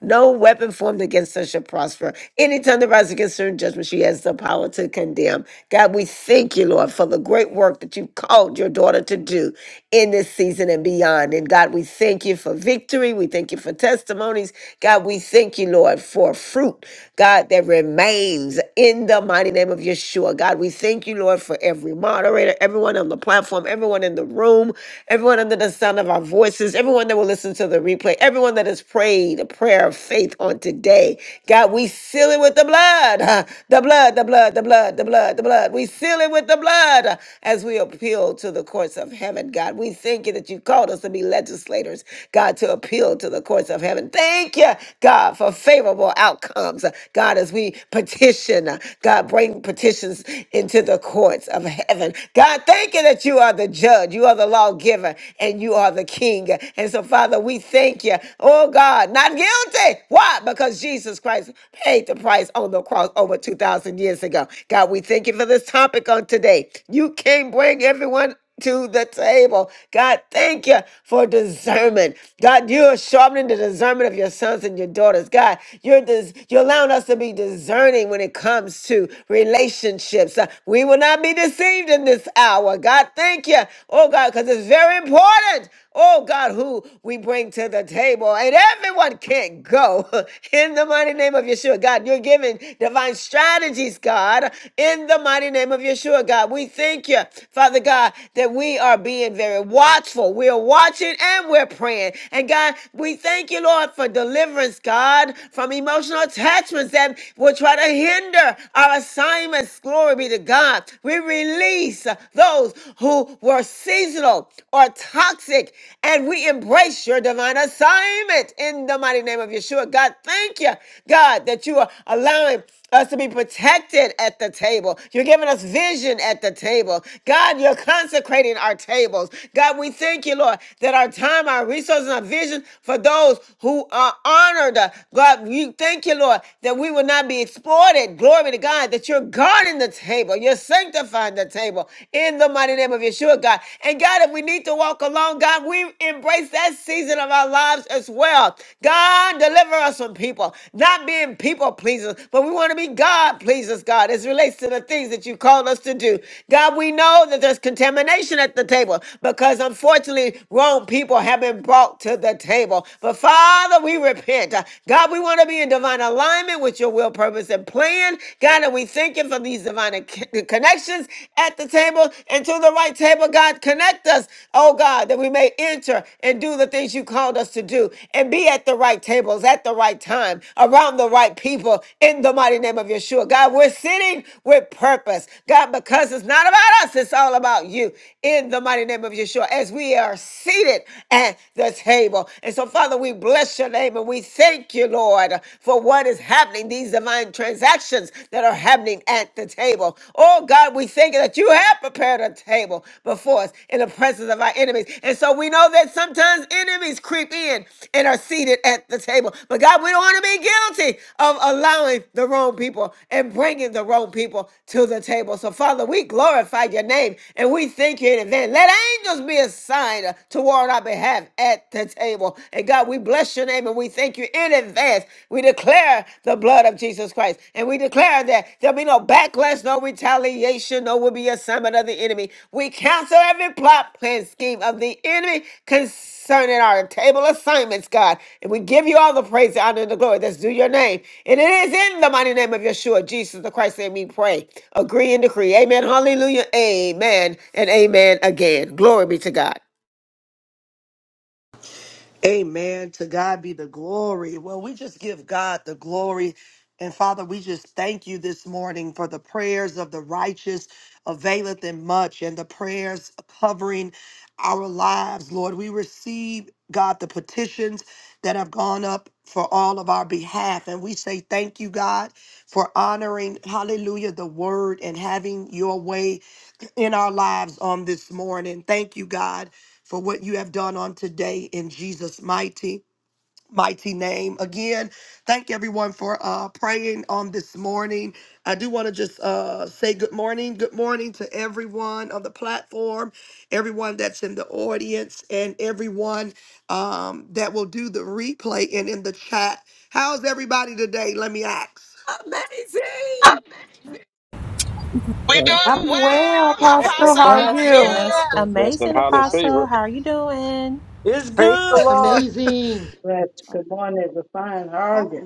Speaker 11: No weapon formed against us shall prosper. Any tongue that rises against her in judgment, she has the power to condemn. God, we thank you, Lord, for the great work that you've called your daughter to do in this season and beyond. And God, we thank you for victory. We thank you for testimonies. God, we thank you, Lord, for fruit, God, that remains remains in the mighty name of Yeshua. God, we thank you, Lord, for every moderator, everyone on the platform, everyone in the room, everyone under the sound of our voices, everyone that will listen to the replay, everyone that has prayed a prayer of faith on today. God, we seal it with the blood, (laughs) huh? the blood, the blood, the blood, the blood, the blood. We seal it with the blood uh, as we appeal to the courts of heaven. God, we thank you that you called us to be legislators, God, to appeal to the courts of heaven. Thank you, God, for favorable outcomes. God, as we petition, uh, God, bring petitions into the courts of heaven. God, thank you that you are the judge, you are the lawgiver, and you are the king. And so, Father, we thank you. Oh, God, not guilty. Why? Because Jesus Christ paid the price on the cross over 2,000 years ago. God, we thank you for this topic on today. You can bring everyone to the table. God, thank you for discernment. God, you are sharpening the discernment of your sons and your daughters. God, you're dis- you're allowing us to be discerning when it comes to relationships. Uh, we will not be deceived in this hour. God, thank you. Oh God, because it's very important. Oh God, who we bring to the table. And everyone can't go (laughs) in the mighty name of Yeshua. God, you're giving divine strategies, God, in the mighty name of Yeshua. God, we thank you, Father God, that we are being very watchful. We are watching and we're praying. And God, we thank you, Lord, for deliverance, God, from emotional attachments that will try to hinder our assignments. Glory be to God. We release those who who were seasonal or toxic. And we embrace your divine assignment in the mighty name of Yeshua. God, thank you, God, that you are allowing us to be protected at the table. You're giving us vision at the table. God, you're consecrating our tables. God, we thank you, Lord, that our time, our resources, and our vision for those who are honored. God, we thank you, Lord, that we will not be exploited. Glory to God, that you're guarding the table. You're sanctifying the table in the mighty name of Yeshua, God. And God, if we need to walk along, God, we embrace that season of our lives as well. God, deliver us from people, not being people pleasers, but we want to be God pleasers, God, as it relates to the things that you called us to do. God, we know that there's contamination at the table because unfortunately, wrong people have been brought to the table. But Father, we repent. God, we want to be in divine alignment with your will, purpose, and plan plan. God, and we thank you for these divine ac- connections at the table and to the right table. God, connect us, oh God, that we may enter and do the things you called us to do and be at the right tables at the right time around the right people in the mighty name of Yeshua. God, we're sitting with purpose. God, because it's not about us, it's all about you in the mighty name of Yeshua as we are seated at the table. And so, Father, we bless your name and we thank you, Lord. Lord, for what is happening, these divine transactions that are happening at the table. Oh God, we thank you that you have prepared a table before us in the presence of our enemies. And so we know that sometimes enemies creep in and are seated at the table. But God, we don't want to be guilty of allowing the wrong people and bringing the wrong people to the table. So, Father, we glorify your name and we thank you in advance. Let angels be assigned toward our behalf at the table. And God, we bless your name and we thank you in advance. We declare the blood of Jesus Christ. And we declare that there'll be no backlash, no retaliation, no will be assignment of the enemy. We cancel every plot, plan, scheme of the enemy concerning our table assignments, God. And we give you all the praise, the honor, and the glory that's due your name. And it is in the mighty name of Yeshua, Jesus the Christ, that we pray. Agree and decree. Amen. Hallelujah. Amen. And amen again. Glory be to God. Amazing.
Speaker 12: We
Speaker 7: Amen.
Speaker 12: doing
Speaker 13: I'm well,
Speaker 12: well,
Speaker 13: Apostle.
Speaker 12: Apostle.
Speaker 13: How are
Speaker 12: How
Speaker 5: Bless,
Speaker 12: are
Speaker 10: Yeah,
Speaker 13: you?
Speaker 5: bless,
Speaker 12: you?
Speaker 5: bless.
Speaker 9: Blessed and
Speaker 14: Amazing
Speaker 8: Good,
Speaker 9: highly
Speaker 14: apostle,
Speaker 9: favored.
Speaker 14: how are you doing?
Speaker 10: it's
Speaker 3: Praise the
Speaker 10: good.
Speaker 3: Lord.
Speaker 6: Amazing.
Speaker 15: Yes, good
Speaker 8: Apostle.
Speaker 15: morning, Refine. How are you?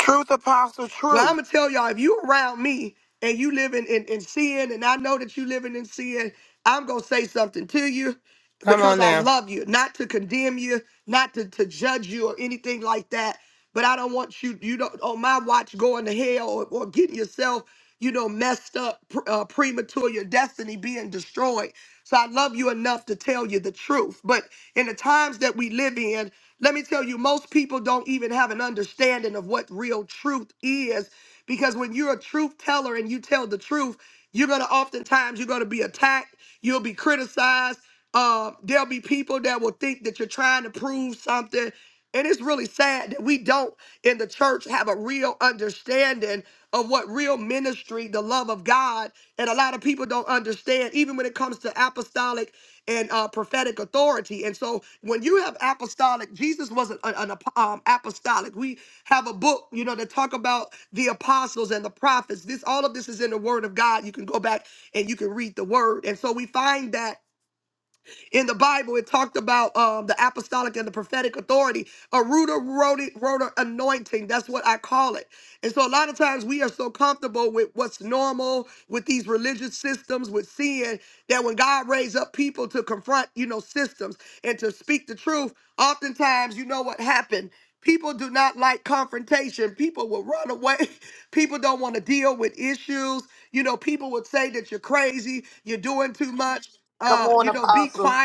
Speaker 12: Truth, Apostle, truth.
Speaker 11: Come on now.
Speaker 10: Come on, Apostle.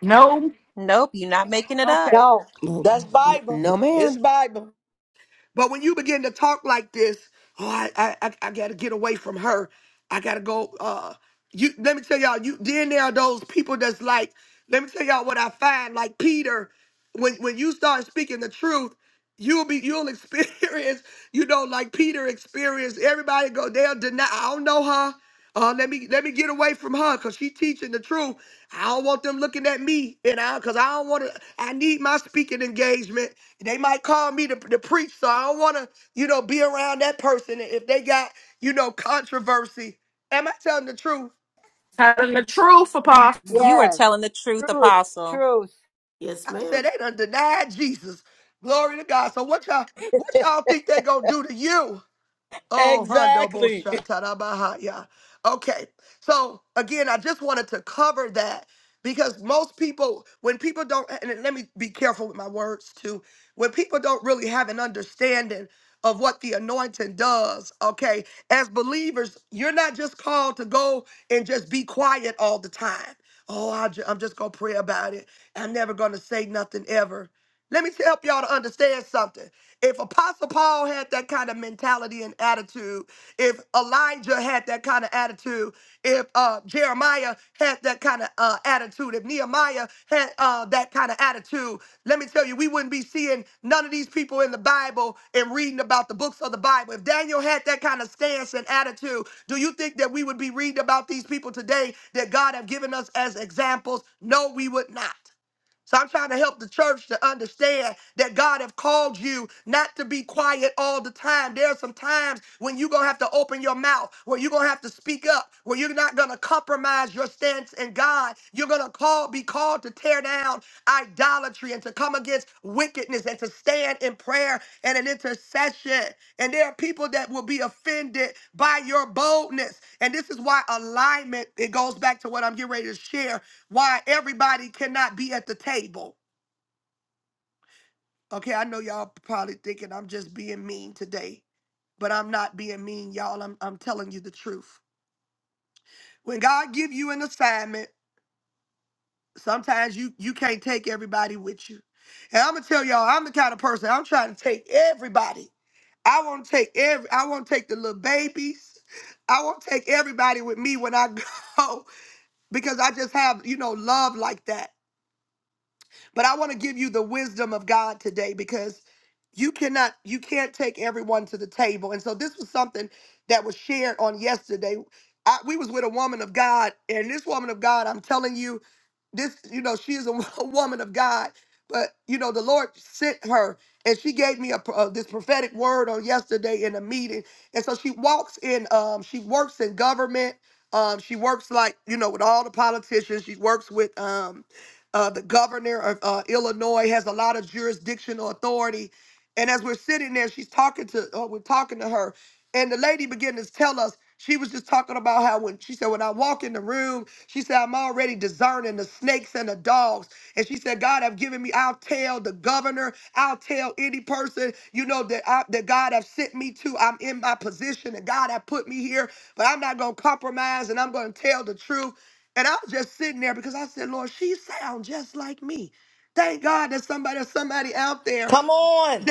Speaker 13: No,
Speaker 14: Nope, you're not making it up.
Speaker 3: No.
Speaker 10: That's Bible.
Speaker 11: No,
Speaker 10: It's
Speaker 11: ma'am.
Speaker 10: Bible.
Speaker 13: telling the truth, Apostle.
Speaker 14: You are
Speaker 3: Yes.
Speaker 14: telling the truth,
Speaker 3: Truth.
Speaker 14: apostle.
Speaker 3: Truth.
Speaker 11: Yes, ma'am.
Speaker 10: Exactly. Come on.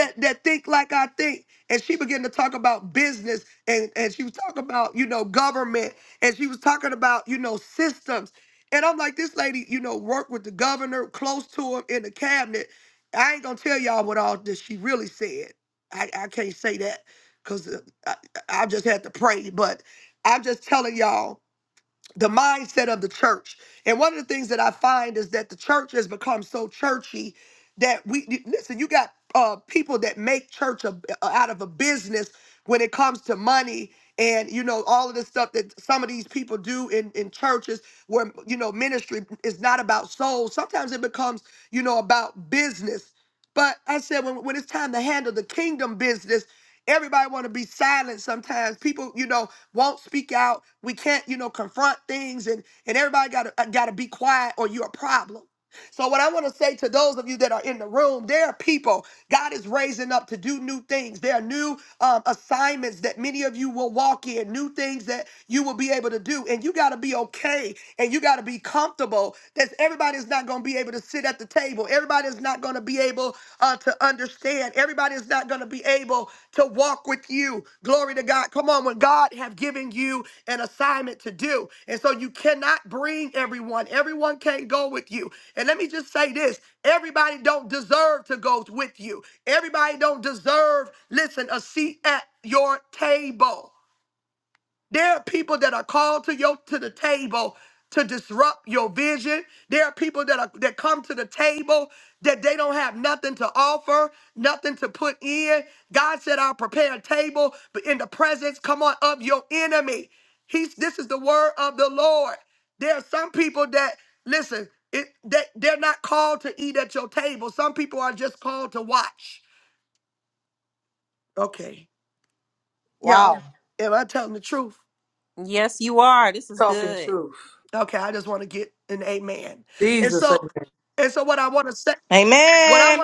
Speaker 3: Wow.
Speaker 14: Yes, you are. This is
Speaker 10: Talking
Speaker 14: good.
Speaker 10: truth. Jesus, said
Speaker 13: Amen.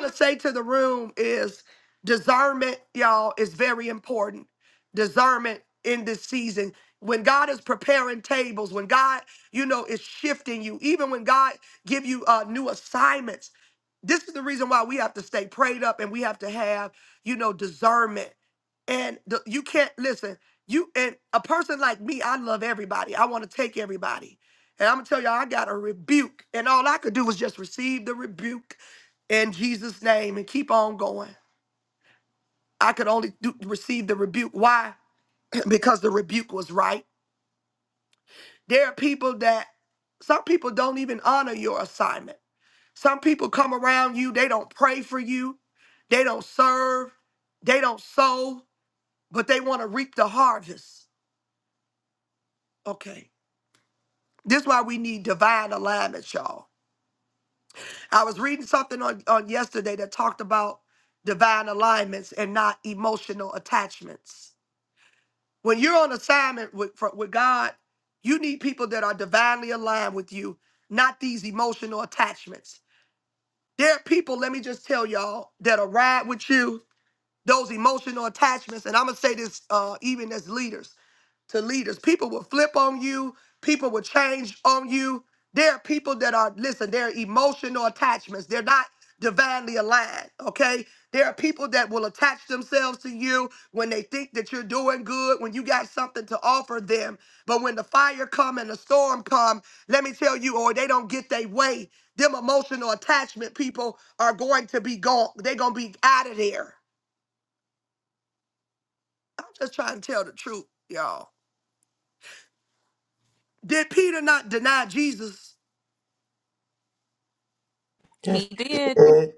Speaker 7: That's
Speaker 14: He did.
Speaker 7: it.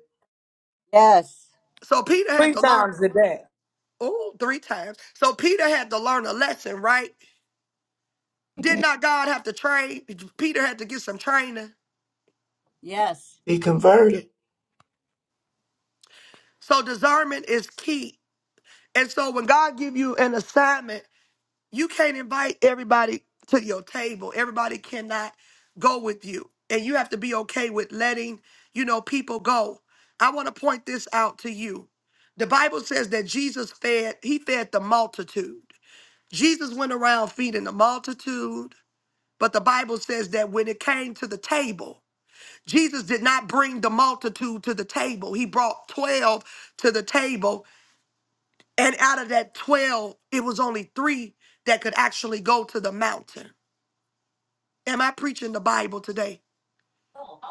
Speaker 3: Yes.
Speaker 10: three times a day.
Speaker 7: It is.
Speaker 3: Yes.
Speaker 7: Be converted.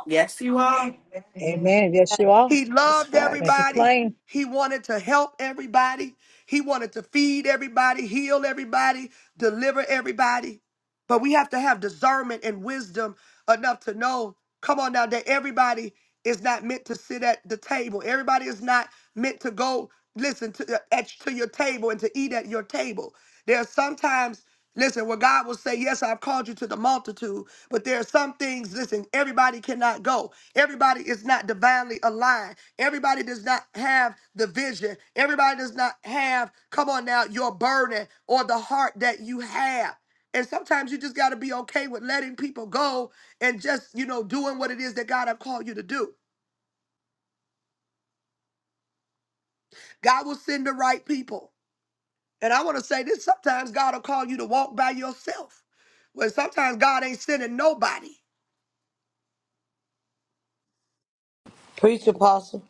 Speaker 13: Yes, you are.
Speaker 15: Amen. Yes, you are.
Speaker 7: That's
Speaker 15: Make
Speaker 7: facts.
Speaker 15: it plain.
Speaker 10: Preach, Apostle.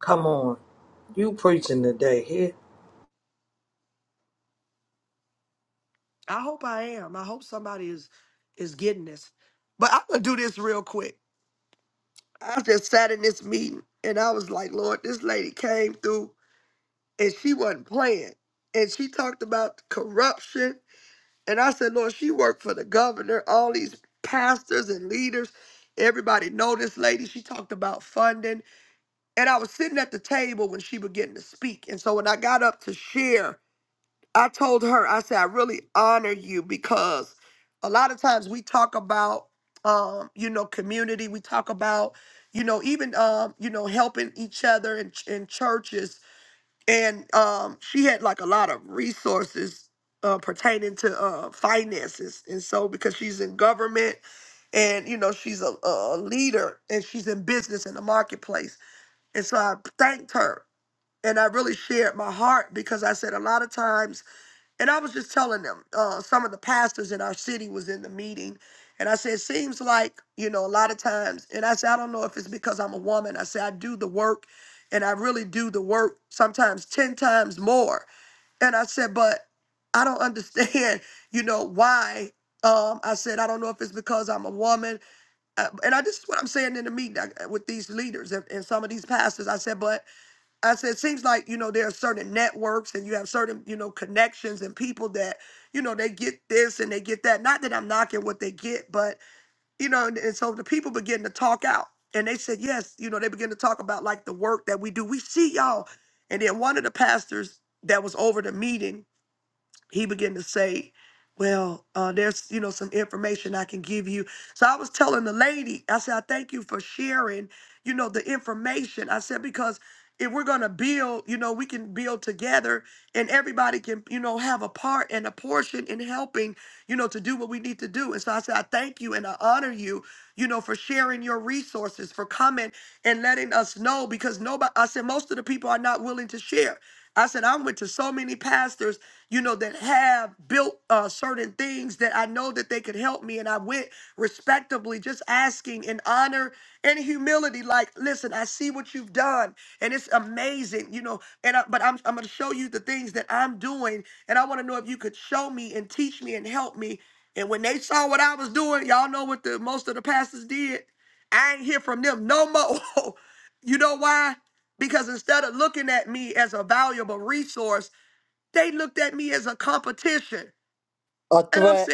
Speaker 10: Come on. You preaching today here. A threat.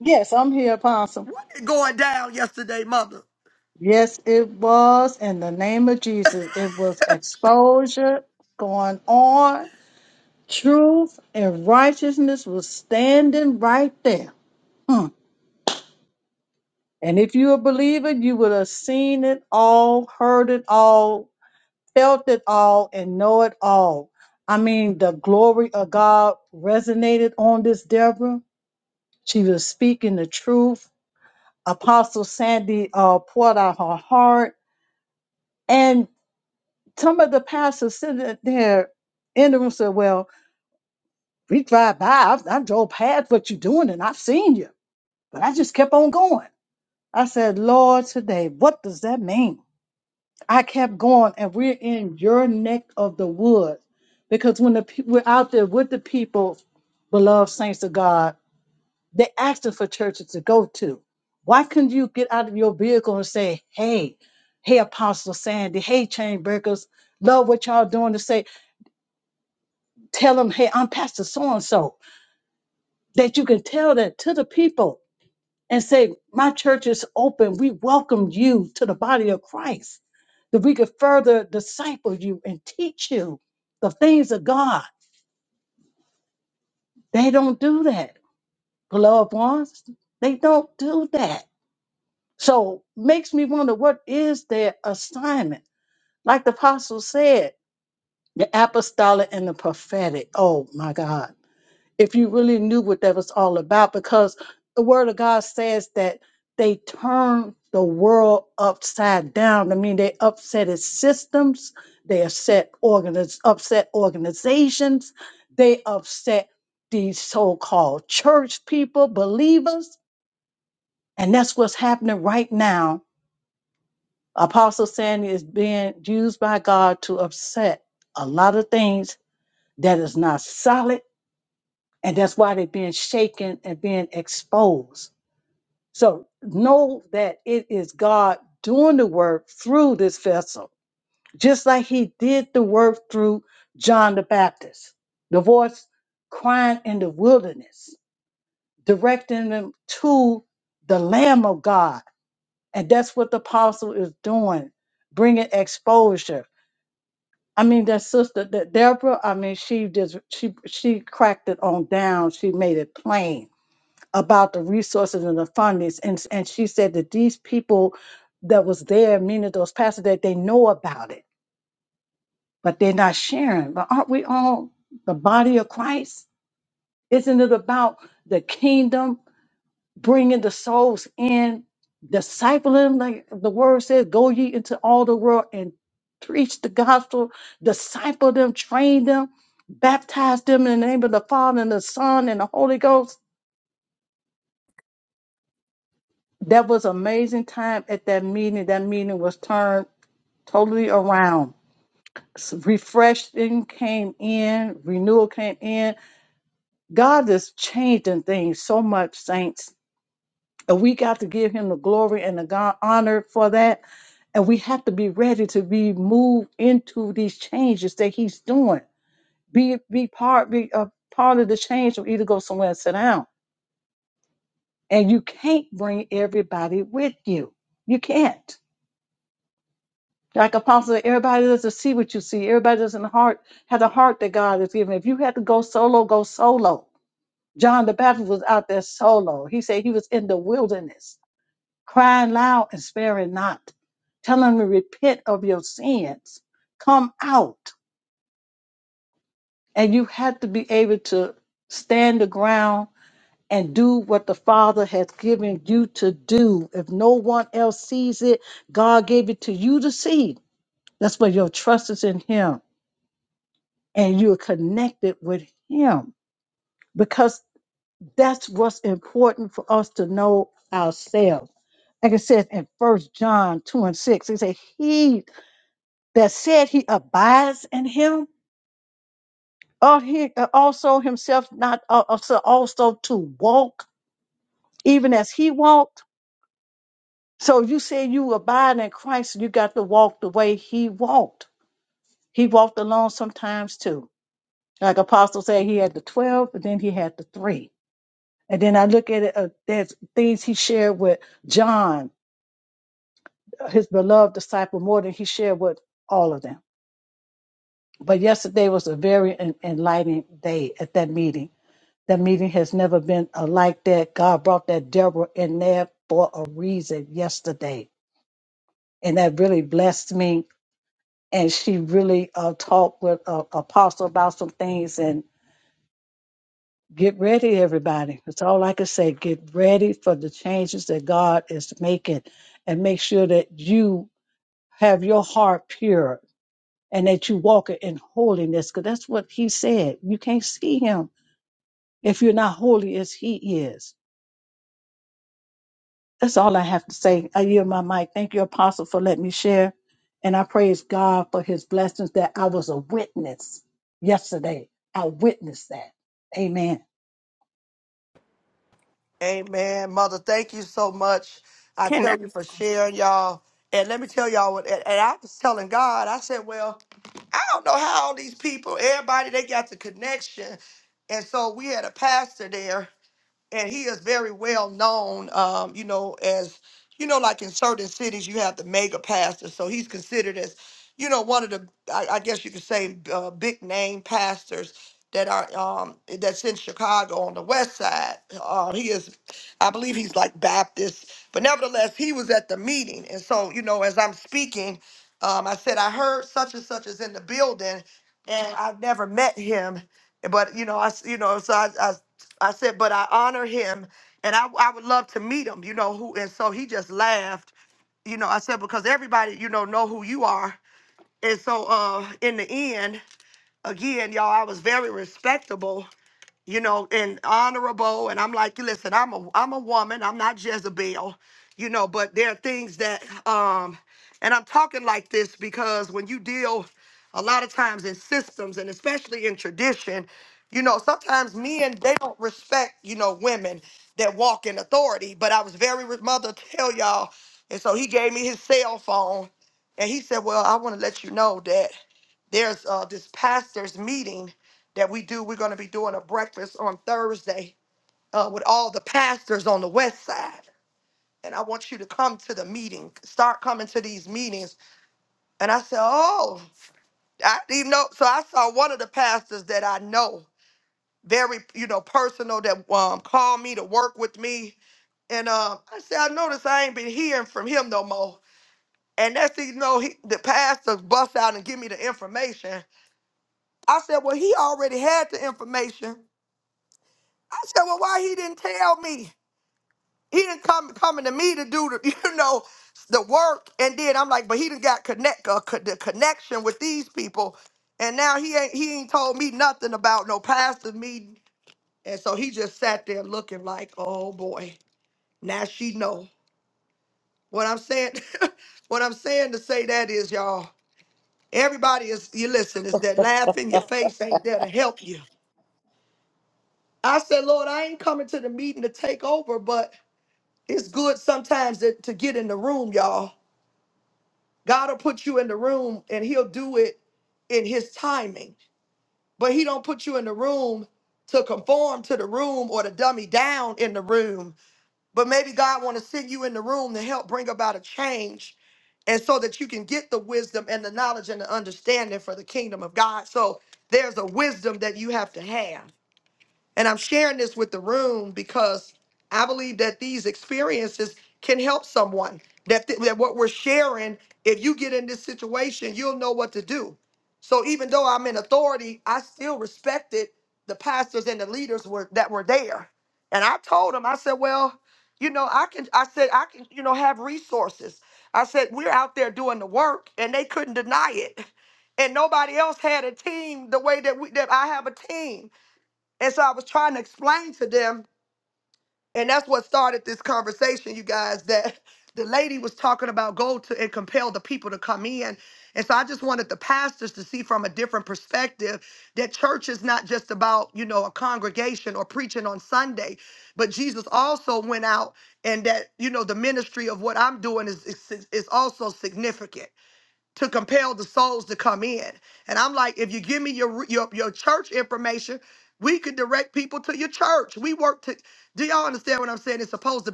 Speaker 15: Yes, I'm here, Apostle. Yes, it was in the name of Jesus. It was exposure going on. Truth and righteousness was standing right there. Hmm. And if you a believer, you would have seen it all, heard it all, felt it all, and know it all. I mean, the glory of God resonated on this Deborah. She was speaking the truth. Apostle Sandy uh, poured out her heart. And some of the pastors sitting there in the room said, Well, we drive by. I've, I drove past what you're doing and I've seen you. But I just kept on going. I said, Lord, today, what does that mean? I kept going and we're in your neck of the woods. Because when the, pe- we're out there with the people, beloved saints of God, They're asking for churches to go to. Why couldn't you get out of your vehicle and say, hey, hey, Apostle Sandy, hey, chain breakers, love what y'all doing to say, tell them, hey, I'm Pastor so and so, that you can tell that to the people and say, my church is open. We welcome you to the body of Christ, that we could further disciple you and teach you the things of God. They don't do that. Beloved ones, they don't do that. So makes me wonder what is their assignment? Like the apostle said, the apostolic and the prophetic. Oh my God. If you really knew what that was all about, because the word of God says that they turn the world upside down. I mean, they upset its systems, they upset organiz- upset organizations, they upset these so-called church people, believers, and that's what's happening right now Apostle Sandy is being used by God to upset a lot of things that is not solid, and that's why they're being shaken and being exposed. So know that it is God doing the work through this vessel, just like He did the work through John the Baptist, the voice crying in the wilderness, directing them to the Lamb of God. And that's what the apostle is doing, bringing exposure I mean, that sister, that Deborah, I mean, she just she she cracked it on down. She made it plain about the resources and the fundings, and and she said that these people that was there, meaning those pastors, that they know about it, but they're not sharing. But aren't we all the body of Christ? Isn't it about the kingdom? bringing the souls in, discipling, like the word says, go ye into all the world and preach the gospel, disciple them, train them, baptize them in the name of the Father and the Son and the Holy Ghost. That was amazing time at that meeting. That meeting was turned totally around. S- Refreshing came in, renewal came in. God is changing things so much, saints. And we got to give him the glory and the God honor for that And we have to be ready to be moved into these changes that he's doing. Be be part be a part of the change or either go somewhere and sit down. And you can't bring everybody with you. You can't. Like Apostle, said, everybody doesn't see what you see. Everybody doesn't heart have the heart that God has given. If you had to go solo, go solo. John the Baptist was out there solo. He said he was in the wilderness, crying loud and sparing not, telling them to repent of your sins. Come out. And you have to be able to stand the ground and do what the Father has given you to do. If no one else sees it, God gave it to you to see. That's where your trust is in Him and you're connected with Him because that's what's important for us to know ourselves. Like it says in First John 2 and 6, it says, He that said he abides in Him, ought he uh, also himself not uh, also also to walk even as he walked. So if you say you abide in Christ, you got to walk the way he walked. He walked alone sometimes too. Like Apostle said, he had the 12, but then he had the three. And then I look at it, uh, there's things he shared with John, his beloved disciple, more than he shared with all of them. But yesterday was a very en- enlightening day at that meeting. That meeting has never been uh, like that. God brought that Deborah in there for a reason yesterday. And that really blessed me and she really uh, talked with uh, Apostle about some things. And get ready, everybody. That's all I can say. Get ready for the changes that God is making, and make sure that you have your heart pure and that you walk it in holiness, because that's what He said. You can't see Him if you're not holy as He is. That's all I have to say. I yield my mic. Thank you, Apostle, for letting me share. And I praise God for his blessings that I was a witness yesterday. I witnessed that. Amen.
Speaker 4: Can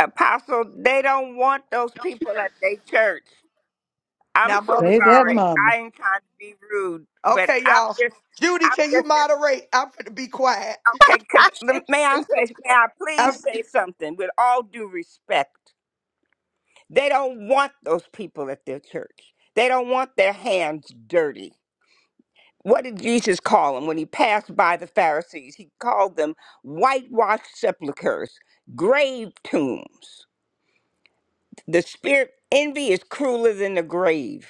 Speaker 4: Apostle, they don't want those people at their church. I'm so
Speaker 15: Say that,
Speaker 4: sorry.
Speaker 15: Mama.
Speaker 4: I ain't trying to be rude, but I'm just I'm just Okay, because
Speaker 3: I (laughs)
Speaker 4: may I
Speaker 3: praise the
Speaker 4: say, may
Speaker 3: Lord.
Speaker 4: I please say something with all due respect? They don't want those people at their church. They don't want their hands dirty. What did Jesus call them when he passed by the Pharisees? He called them whitewashed sepulchres, grave tombs. The spirit envy is crueler than the grave.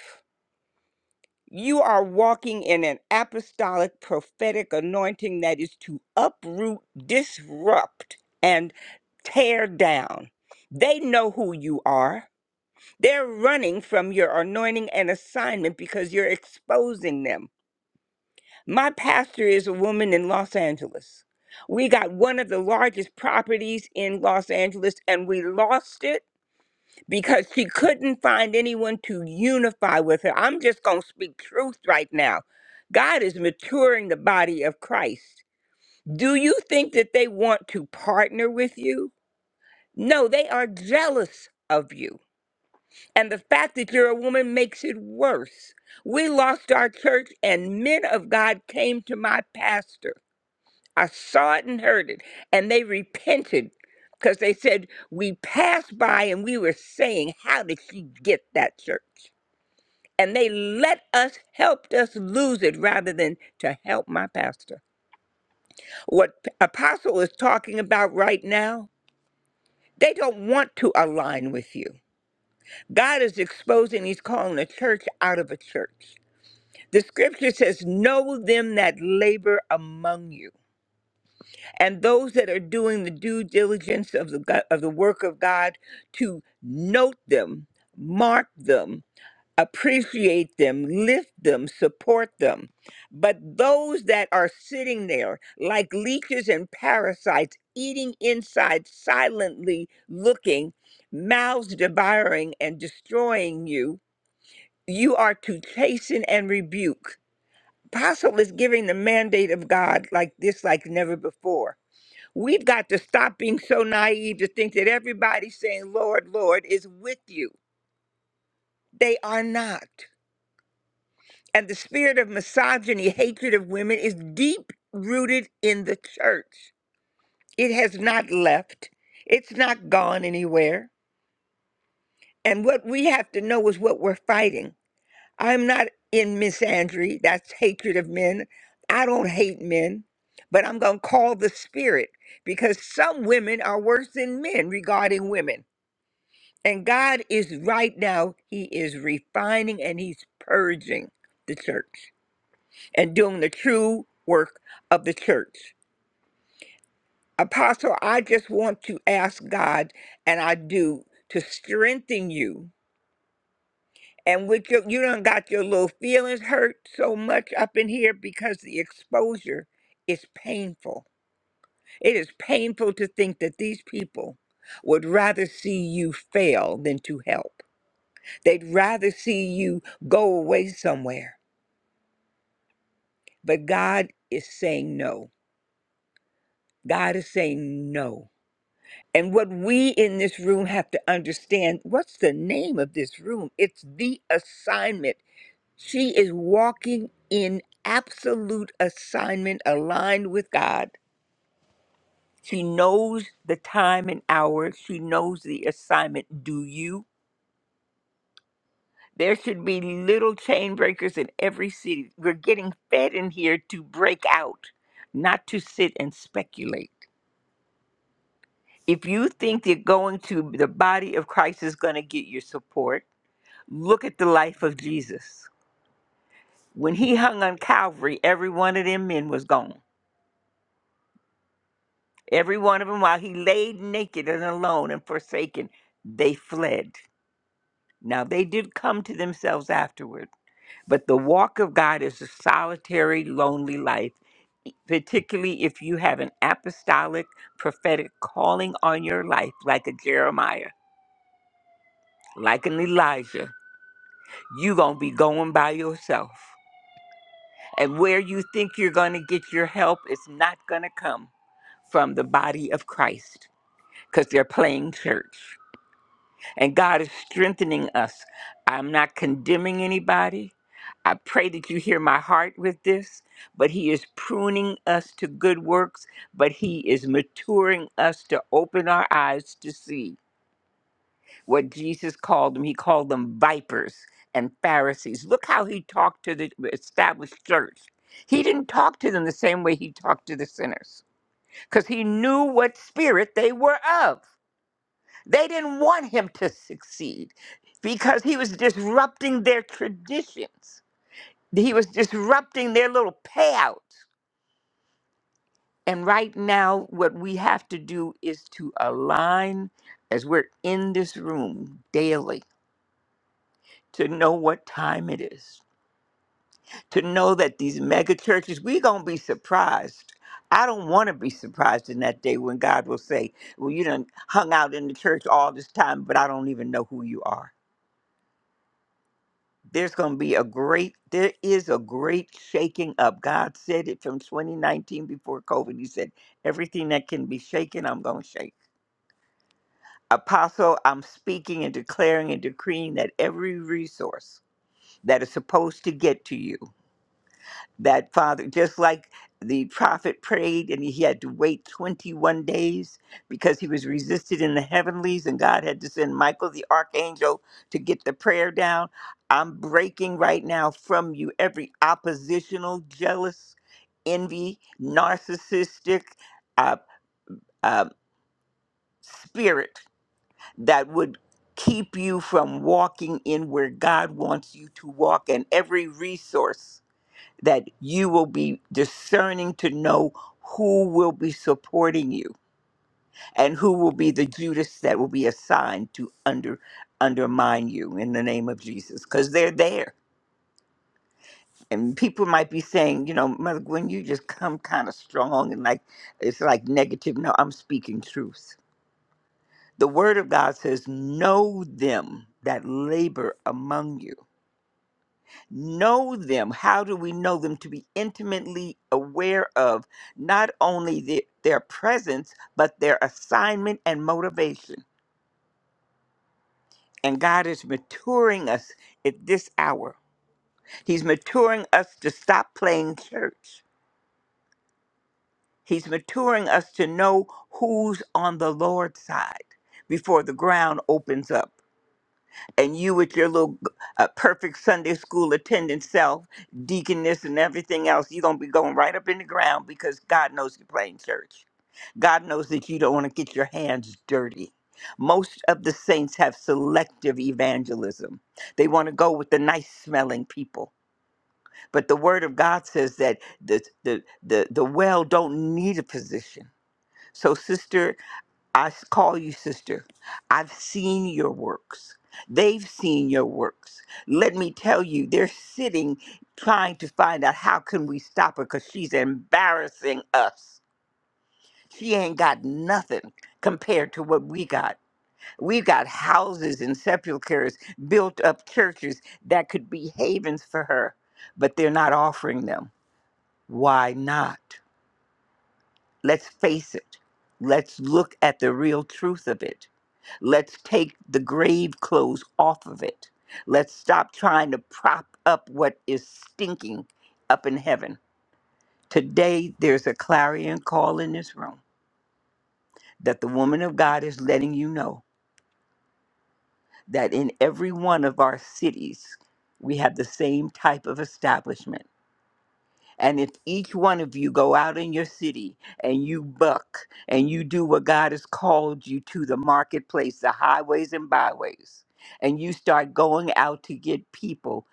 Speaker 4: You are walking in an apostolic prophetic anointing that is to uproot, disrupt, and tear down. They know who you are. They're running from your anointing and assignment because you're exposing them. My pastor is a woman in Los Angeles. We got one of the largest properties in Los Angeles and we lost it because she couldn't find anyone to unify with her. I'm just going to speak truth right now. God is maturing the body of Christ. Do you think that they want to partner with you? No, they are jealous of you. And the fact that you're a woman makes it worse. We lost our church, and men of God came to my pastor. I saw it and heard it. And they repented because they said, We passed by and we were saying, How did she get that church? And they let us, helped us lose it rather than to help my pastor. What Apostle is talking about right now, they don't want to align with you. God is exposing, He's calling a church out of a church. The scripture says, Know them that labor among you and those that are doing the due diligence of the go- of the work of God to note them, mark them, appreciate them, lift them, support them. But those that are sitting there like leeches and parasites eating inside silently looking, mouths devouring and destroying you, you are to chasten and rebuke. Apostle is giving the mandate of God like this like never before We've got to stop being so naive to think that everybody saying, Lord, Lord, is with you. They are not. And the spirit of misogyny, hatred of women, is deep rooted in the church. It has not left, it's not gone anywhere. And what we have to know is what we're fighting. I'm not in misandry, that's hatred of men. I don't hate men, but I'm going to call the spirit because some women are worse than men regarding women. And God is right now, He is refining and He's purging the church and doing the true work of the church. Apostle, I just want to ask God, and I do, to strengthen you. And with your, you don't got your little feelings hurt so much up in here because the exposure is painful. It is painful to think that these people would rather see you fail than to help. They'd rather see you go away somewhere. But God is saying no. God is saying no. And what we in this room have to understand what's the name of this room? It's the assignment. She is walking in absolute assignment aligned with God. She knows the time and hour, she knows the assignment. Do you? There should be little chain breakers in every city. We're getting fed in here to break out, not to sit and speculate. If you think that going to the body of Christ is going to get your support, look at the life of Jesus. When he hung on Calvary, every one of them men was gone. Every one of them, while he laid naked and alone and forsaken, they fled. Now, they did come to themselves afterward, but the walk of God is a solitary, lonely life particularly if you have an apostolic prophetic calling on your life, like a Jeremiah, like an Elijah, you going to be going by yourself. And where you think you're going to get your help is not going to come from the body of Christ because they're playing church. and God is strengthening us. I'm not condemning anybody. I pray that you hear my heart with this, but He is pruning us to good works, but He is maturing us to open our eyes to see what Jesus called them. He called them vipers and Pharisees. Look how He talked to the established church. He didn't talk to them the same way He talked to the sinners because He knew what spirit they were of. They didn't want him to succeed because he was disrupting their traditions. He was disrupting their little payouts. And right now, what we have to do is to align as we're in this room daily to know what time it is, to know that these mega churches, we're going to be surprised. I don't want to be surprised in that day when God will say, Well, you done hung out in the church all this time, but I don't even know who you are there's going to be a great there is a great shaking up god said it from 2019 before covid he said everything that can be shaken i'm going to shake apostle i'm speaking and declaring and decreeing that every resource that is supposed to get to you that father just like the prophet prayed and he had to wait 21 days because he was resisted in the heavenlies and god had to send michael the archangel to get the prayer down i'm breaking right now from you every oppositional jealous envy narcissistic uh, uh, spirit that would keep you from walking in where god wants you to walk and every resource that you will be discerning to know who will be supporting you and who will be the Judas that will be assigned to under undermine you in the name of Jesus because they're there. And people might be saying, you know, Mother Gwen, you just come kind of strong and like it's like negative. No, I'm speaking truth. The word of God says, Know them that labor among you know them. How do we know them? To be intimately aware of not only the, their presence, but their assignment and motivation. And God is maturing us at this hour. He's maturing us to stop playing church. He's maturing us to know who's on the Lord's side before the ground opens up. and you with your little uh, perfect Sunday school attendant self, deaconess and everything else, you're going to be going right up in the ground because God knows you're playing church. God knows that you don't want to get your hands dirty. Most of the saints have selective evangelism. They want to go with the nice smelling people. But the word of God says that the, the, the, the well don't need a physician. So, sister I s- call you sister. I've seen your works. They've seen your works. Let me tell you, they're sitting trying to find out how can we stop her because she's embarrassing us. She ain't got nothing compared to what we got. We've got houses and sepulchres, built up churches that could be havens for her, but they're not offering them. Why not? Let's face it. Let's look at the real truth of it Let's take the grave clothes off of it. Let's stop trying to prop up what is stinking up in heaven. Today, there's a clarion call in this room that the woman of God is letting you know that in every one of our cities, we have the same type of establishment. And if each one of you go out in your city and you buck and you do what God has called you to the marketplace, the highways and byways, and you start going out to get people,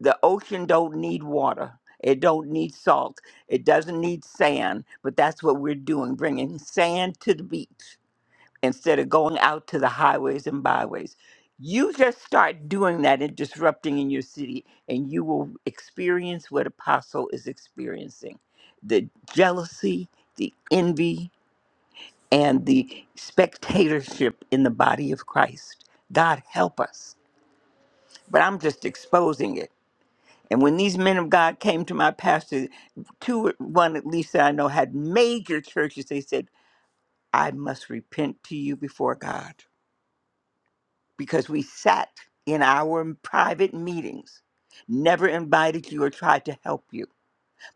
Speaker 4: the ocean don't need water. It don't need salt. It doesn't need sand, but that's what we're doing, bringing sand to the beach instead of going out to the highways and byways. You just start doing that and disrupting in your city, and you will experience what Apostle is experiencing the jealousy, the envy, and the spectatorship in the body of Christ. God help us. But I'm just exposing it. And when these men of God came to my pastor, two, one at least that I know had major churches, they said, I must repent to you before God because we sat in our private meetings, never invited you or tried to help you.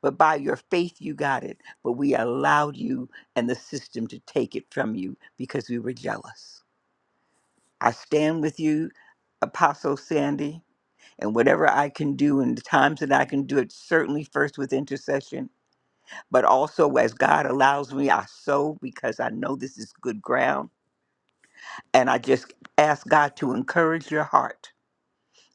Speaker 4: But by your faith, you got it. But we allowed you and the system to take it from you because we were jealous. I stand with you, Apostle Sandy, and whatever I can do in the times that I can do it, certainly first with intercession, but also as God allows me, I sow because I know this is good ground. And I just ask God to encourage your heart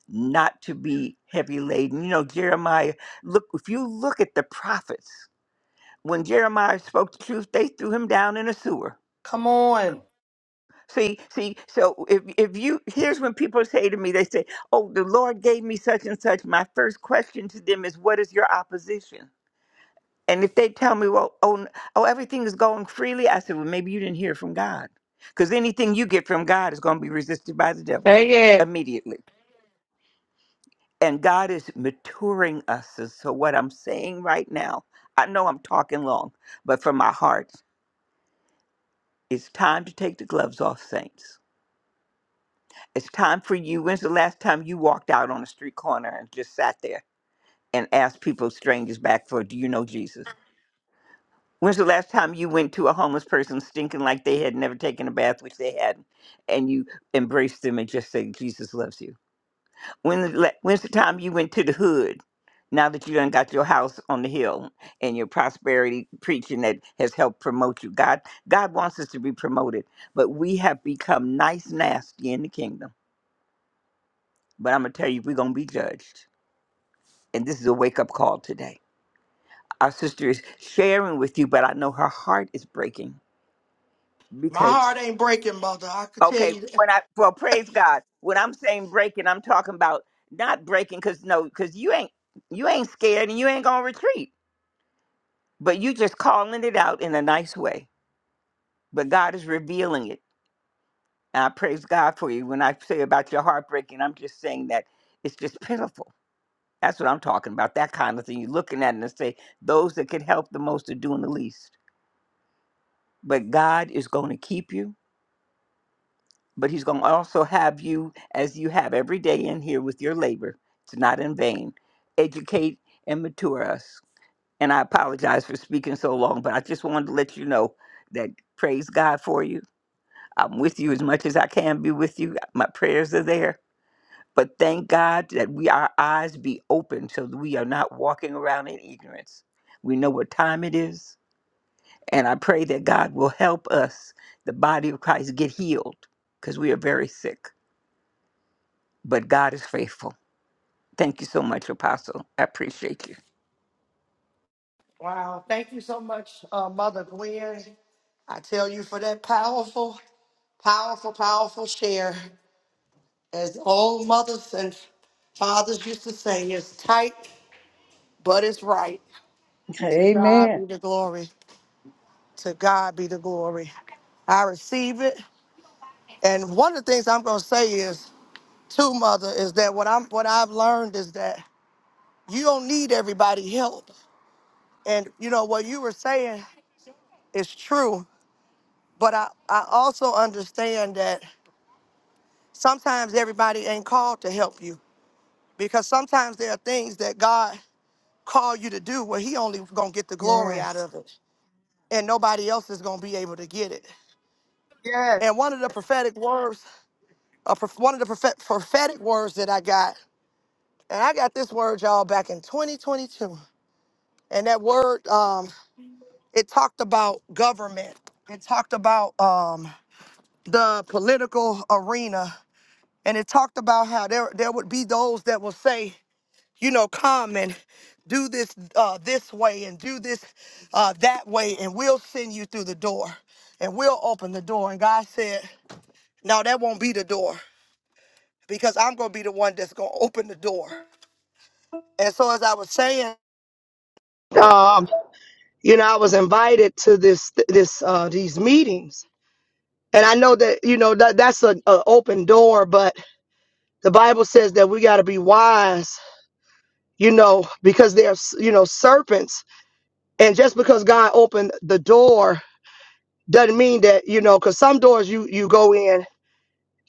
Speaker 4: not to be heavy laden. You know, Jeremiah, look, if you look at the prophets, when Jeremiah spoke the truth, they threw him down in a sewer.
Speaker 10: Come on.
Speaker 4: See, see, so if, if you, here's when people say to me, they say, Oh, the Lord gave me such and such. My first question to them is, What is your opposition? And if they tell me, Well, oh, n- oh everything is going freely, I said, Well, maybe you didn't hear from God. Because anything you get from God is going to be resisted by the devil
Speaker 13: Say it.
Speaker 4: immediately and God is maturing us. And so, what I'm saying right now, I know I'm talking long, but from my heart, it's time to take the gloves off, saints. It's time for you. When's the last time you walked out on a street corner and just sat there and asked people, strangers back, for, do you know Jesus? When's the last time you went to a homeless person stinking like they had never taken a bath, which they hadn't, and you embraced them and just said, Jesus loves you? When the la- when's the time you went to the hood? Now that you done got your house on the hill and your prosperity preaching that has helped promote you, God God wants us to be promoted, but we have become nice nasty in the kingdom. But I'm gonna tell you, we're gonna be judged, and this is a wake up call today. Our sister is sharing with you, but I know her heart is breaking because okay, when I well praise God, when I'm saying breaking, I'm talking about not breaking because no, because you ain't you ain't scared and you ain't gonna retreat But you just calling it out in a nice way. But God is revealing it. And I praise God for you. When I say about your heartbreaking, I'm just saying that it's just pitiful. That's what I'm talking about. That kind of thing. You're looking at it and say, those that could help the most are doing the least. But God is going to keep you, but He's going to also have you as you have every day in here with your labor. It's not in vain. Educate and mature us. And I apologize for speaking so long, but I just wanted to let you know that praise God for you I'm with you as much as I can be with you. My prayers are there. But thank God that we our eyes be open so that we are not walking around in ignorance. We know what time it is. And I pray that God will help us, the body of Christ, get healed because we are very sick. But God is faithful. Thank you so much, Apostle. I appreciate you.
Speaker 15: Amen.
Speaker 10: Yes. Yes.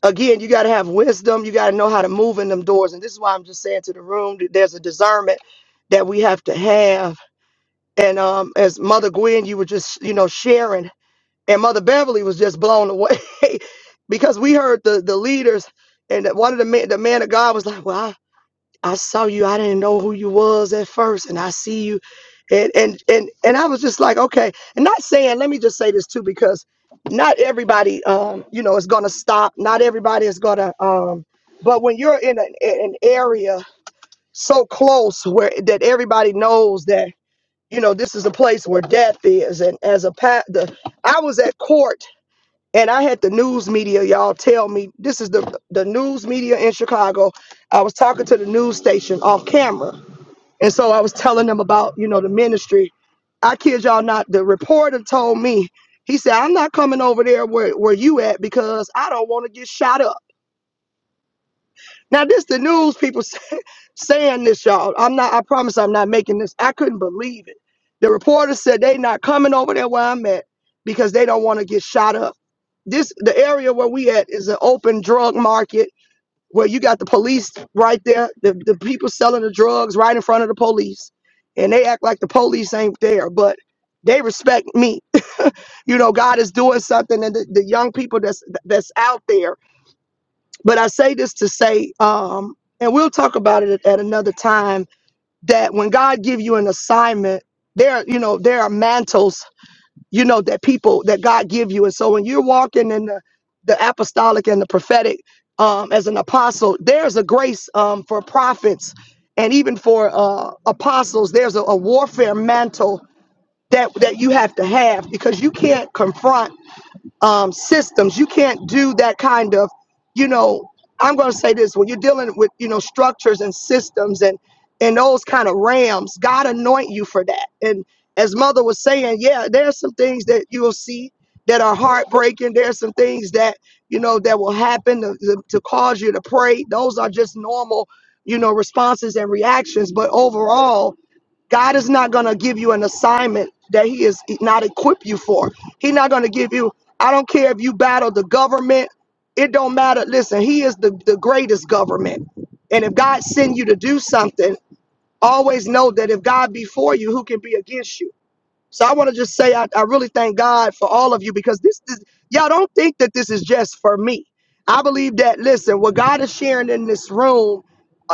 Speaker 16: again, you got to have wisdom. You got to know how to move in them doors. And this is why I'm just saying to the room that there's a discernment that we have to have. And um, as Mother Gwen, you were just, you know, sharing, and Mother Beverly was just blown away (laughs) because we heard the the leaders, and that one of the man, the man of God was like, "Well, I, I saw you. I didn't know who you was at first, and I see you." and and and and I was just like, okay, and not saying. Let me just say this too, because not everybody, um, you know, is gonna stop. Not everybody is gonna. Um, but when you're in an, an area so close where that everybody knows that you know this is a place where death is, and as a pa- the, I was at court and I had the news media y'all tell me this is the the news media in Chicago. I was talking to the news station off camera, and so I was telling them about you know the ministry I kid y'all not, the reporter told me, he said, I'm not coming over there where, where you at because I don't want to get shot up. Now, this the news people (laughs) say, saying this, y'all. I'm not, I promise I'm not making this. I couldn't believe it. The reporter said they not coming over there where I'm at because they don't want to get shot up. This the area where we at is an open drug market where you got the police right there, the, the people selling the drugs right in front of the police. And they act like the police ain't there, but they respect me you know, God is doing something, and the, the young people that's that's out there. But I say this to say, um, and we'll talk about it at another time. That when God give you an assignment, there, you know, there are mantles, you know, that people that God give you, and so when you're walking in the the apostolic and the prophetic um, as an apostle, there's a grace um, for prophets and even for uh, apostles. There's a, a warfare mantle that that you have to have because you can't confront um, systems. You can't do that kind of, you know, I'm going to say this when you're dealing with, you know, structures and systems and and those kind of rams, God anoint you for that. And as mother was saying, yeah, there's some things that you'll see that are heartbreaking. There's some things that, you know, that will happen to, to, to cause you to pray. Those are just normal, you know, responses and reactions. But overall, God is not going to give you an assignment that He is not equipped you for. He's not going to give you, I don't care if you battle the government, it don't matter. Listen, He is the, the greatest government. And if God send you to do something, always know that if God be for you, who can be against you? So I want to just say I, I really thank God for all of you because this is y'all don't think that this is just for me. I believe that listen, what God is sharing in this room,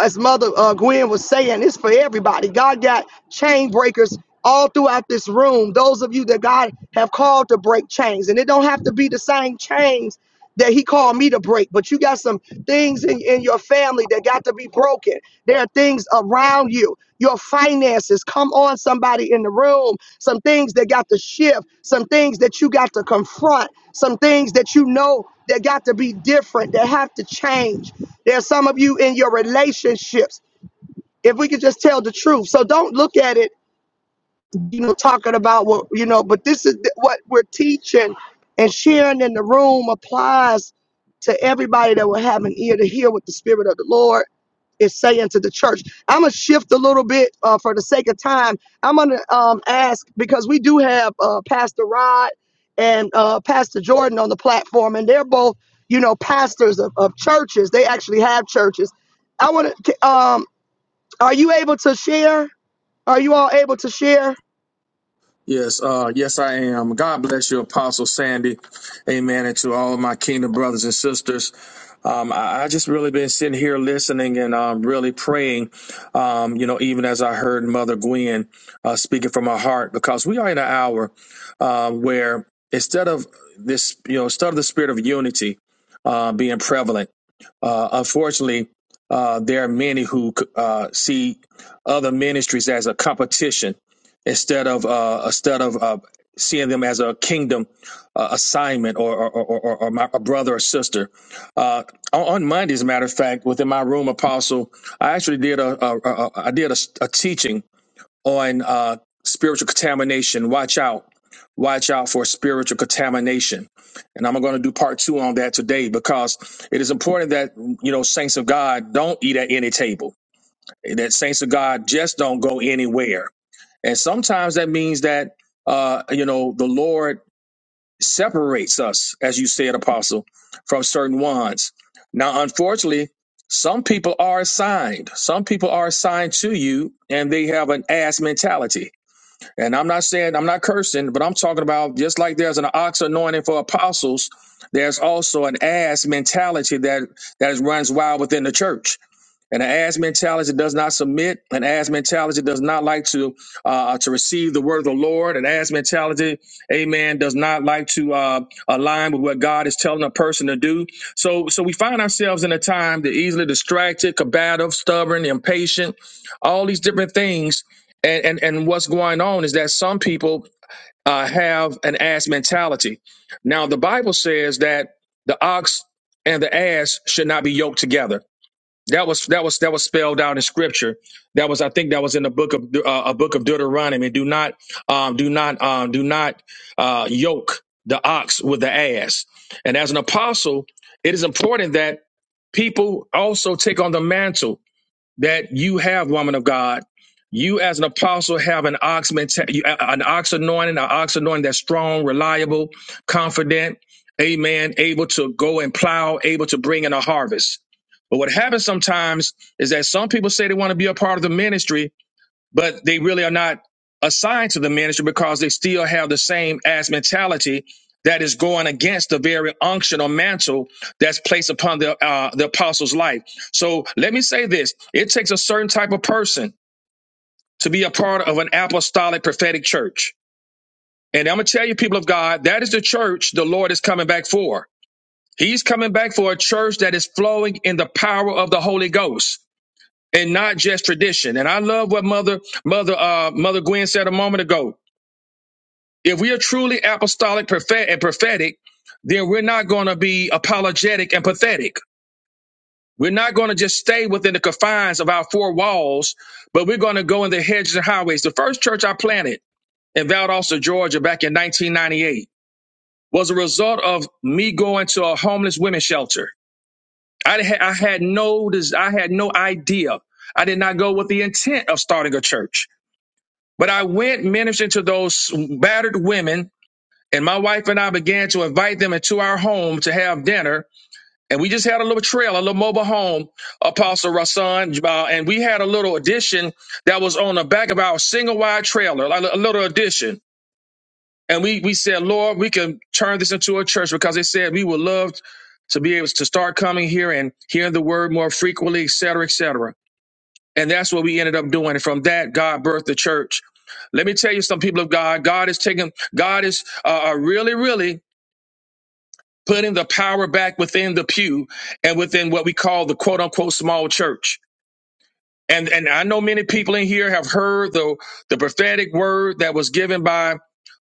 Speaker 16: as Mother uh, Gwen was saying, it's for everybody. God got chain breakers all throughout this room. Those of you that God have called to break chains, and it don't have to be the same chains that He called me to break, but you got some things in, in your family that got to be broken there are things around you, your finances. Come on, somebody in the room. Some things that got to shift, some things that you got to confront, some things that you know that got to be different, that have to change. There's some of you in your relationships. If we could just tell the truth. So don't look at it you know, talking about what, you know, but this is th- what we're teaching and sharing in the room applies to everybody that will have an ear to hear what the Spirit of the Lord is saying to the church. I'm going to shift a little bit uh, for the sake of time. I'm going to um, ask because we do have uh, Pastor Rod and uh, Pastor Jordan on the platform, and they're both, you know, pastors of, of churches. They actually have churches. I want to, um, are you able to share? Are you all able to share?
Speaker 9: Yes, uh, yes, I am. God bless you, Apostle Sandy. Amen. And to all of my kingdom brothers and sisters. Um, I, I just really been sitting here listening and um, really praying, um, you know, even as I heard Mother Gwen uh, speaking from her heart, because we are in an hour. uh, where instead of this, you know, instead of the spirit of unity uh, being prevalent, uh, unfortunately, uh, there are many who uh, see other ministries as a competition instead of uh, instead of uh, seeing them as a kingdom uh, assignment or or, or, or, or my, a brother or sister. Uh, on, on Monday, as a matter of fact, within my room, Apostle, I actually did a, a, a, a I did a a teaching on uh, spiritual contamination. Watch out watch out for spiritual contamination. And I'm going to do part two on that today because it is important that, you know, saints of God don't eat at any table, that saints of God just don't go anywhere. And sometimes that means that, uh, you know, the Lord separates us, as you said, Apostle, from certain ones. Now, unfortunately, some people are assigned. Some people are assigned to you and they have an ass mentality and I'm not saying I'm not cursing, but I'm talking about just like there's an ox anointing for apostles, there's also an ass mentality that that runs wild within the church. An ass mentality that does not submit, an ass mentality that does not like to uh, uh, to receive the word of the Lord, an ass mentality, amen, does not like to uh, align with what God is telling a person to do. So, so we find ourselves in a time that easily distracted, combative, stubborn, impatient, all these different things. And and and what's going on is that some people uh, have an ass mentality. Now, the Bible says that the ox and the ass should not be yoked together that was that was that was spelled out in scripture. That was I think that was in the book of uh, a book of Deuteronomy. Do not um, do not um, do not uh, yoke the ox with the ass. And as an apostle, it is important that people also take on the mantle that you have, woman of God. You as an apostle have an ox menta- you- an ox anointing, an ox anointing that's strong, reliable, confident, amen, able to go and plow, able to bring in a harvest. But what happens sometimes is that some people say they want to be a part of the ministry, but they really are not assigned to the ministry because they still have the same ass mentality that is going against the very unction or mantle that's placed upon the uh, the apostle's life. So let me say this: it takes a certain type of person to be a part of an apostolic prophetic church. And I'm gonna tell you, people of God, that is the church the Lord is coming back for. He's coming back for a church that is flowing in the power of the Holy Ghost and not just tradition. And I love what Mother Mother uh, Mother Gwen said a moment ago. If we are truly apostolic prophet- and prophetic, then we're not going to be apologetic and pathetic. We're not going to just stay within the confines of our four walls, but we're going to go in the hedges and highways. The first church I planted in Valdosta, Georgia, back in 1998, was a result of me going to a homeless women's shelter. I had, I had no des- I had no idea. I did not go with the intent of starting a church, but I went ministering to those battered women And my wife and I began to invite them into our home to have dinner. And we just had a little trail, a little mobile home, Apostle Rasan. Uh, and we had a little addition that was on the back of our single wide trailer, like a little addition. And we, we said, Lord, we can turn this into a church because they said we would love to be able to start coming here and hearing the word more frequently, et cetera, et cetera. And that's what we ended up doing. And from that, God birthed the church. Let me tell you, some people of God, God is taking, God is uh, uh, really, really putting the power back within the pew and within what we call the quote unquote small church. And and I know many people in here have heard the the prophetic word that was given by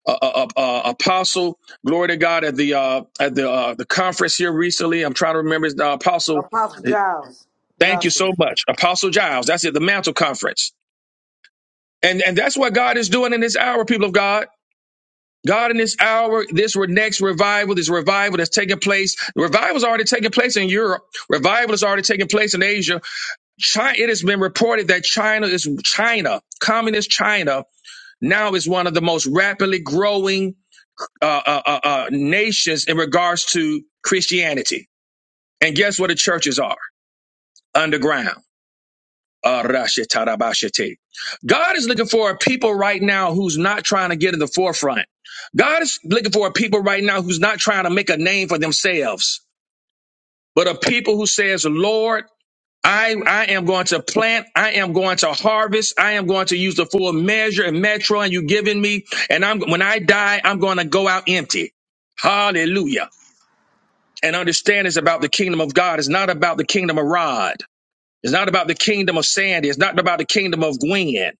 Speaker 9: uh, uh, uh, uh, apostle glory to God at the uh, at the uh, the conference here recently. I'm trying to remember his- uh, apostle.
Speaker 10: Apostle Giles.
Speaker 9: Thank you
Speaker 10: Joshua.
Speaker 9: so much, Apostle Giles. That's it, the Mantle Conference, and and that's what God is doing in this hour, people of God. God, in this hour, this re- next revival, this revival that's taking place, the revival's already taking place in Europe. Revival is already taking place in Asia. China, it has been reported that China is China, communist China, now is one of the most rapidly growing uh, uh, uh, uh, nations in regards to Christianity. And guess what the churches are? Underground. Arashetarabashete. God is looking for a people right now who's not trying to get in the forefront. God is looking for a people right now who's not trying to make a name for themselves, but a people who says, Lord, I, I am going to plant. I am going to harvest. I am going to use the full measure and metro and you given me. And I'm, when I die, I'm going to go out empty. Hallelujah. And understand it's about the kingdom of God. It's not about the kingdom of Rod. It's not about the kingdom of Sandy. It's not about the kingdom of Gwen.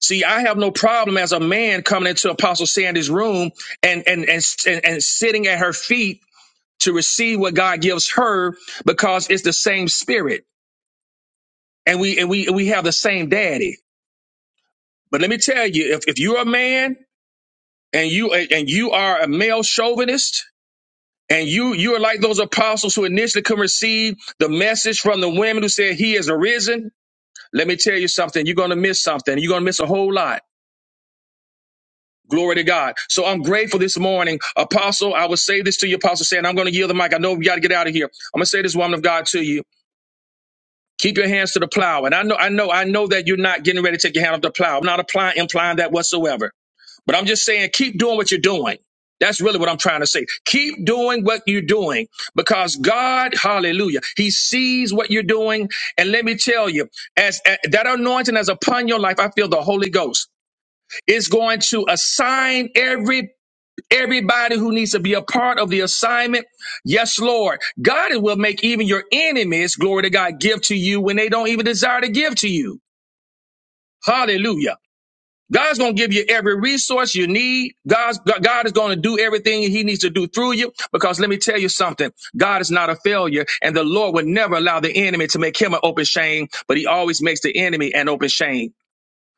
Speaker 9: See, I have no problem as a man coming into Apostle Sandy's room and and and and, and sitting at her feet to receive what God gives her because it's the same spirit and we and we and we have the same daddy. But let me tell you, if if you're a man and you and you are a male chauvinist and you you are like those apostles who initially couldn't receive the message from the women who said he is arisen, let me tell you something, you're going to miss something. You're going to miss a whole lot Glory to God. So I'm grateful this morning. Apostle, I will say this to you, Apostle, saying, I'm going to yield the mic. I know we got to get out of here. I'm going to say this, woman of God, to you. Keep your hands to the plow. And I know, I know, I know that you're not getting ready to take your hand off the plow. I'm not applying, implying that whatsoever. But I'm just saying, keep doing what you're doing. That's really what I'm trying to say. Keep doing what you're doing because God, hallelujah, He sees what you're doing. And let me tell you, as, as that anointing is upon your life, I feel the Holy Ghost is going to assign every Everybody who needs to be a part of the assignment, yes, Lord. God will make even your enemies, glory to God, give to you when they don't even desire to give to you. Hallelujah. God's going to give you every resource you need. God's, God is going to do everything he needs to do through you because let me tell you something. God is not a failure and the Lord would never allow the enemy to make him an open shame, but he always makes the enemy an open shame.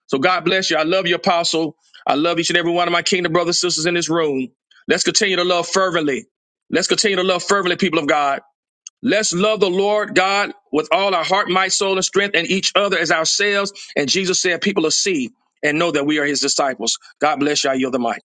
Speaker 9: So God bless you. I love you, Apostle. I love each and every one of my kingdom brothers and sisters in this room. Let's continue to love fervently. Let's continue to love fervently, people of God. Let's love the Lord God with all our heart, might, soul, and strength, and each other as ourselves. And Jesus said, People will see and know that we are his disciples. God bless you. I yield the mic.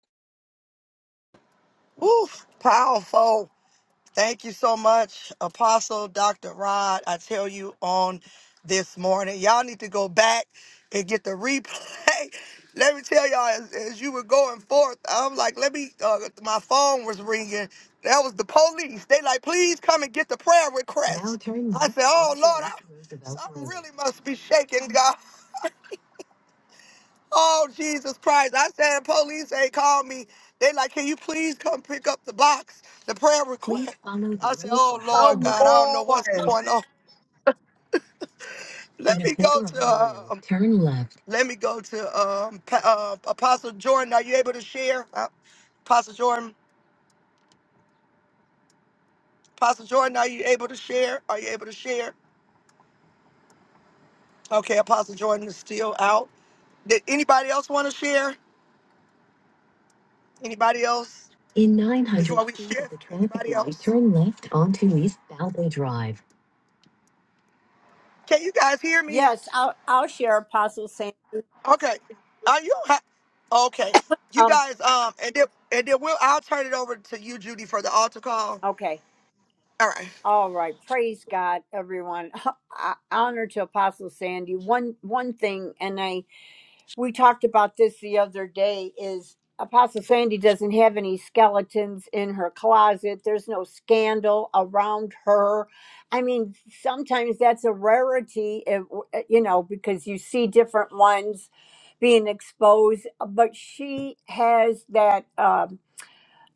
Speaker 16: Follow,
Speaker 10: Come on.
Speaker 16: turn left in 900, turn left onto East Valvey Drive
Speaker 3: Yes, I'll I'll share Apostle Sam. Um. Okay. All right. Praise God, everyone. (laughs) I, honor to Apostle Sandy. One one thing, and I we talked about this the other day is apostle sandy doesn't have any skeletons in her closet there's no scandal around her i mean sometimes that's a rarity if, you know because you see different ones being exposed but she has that Um,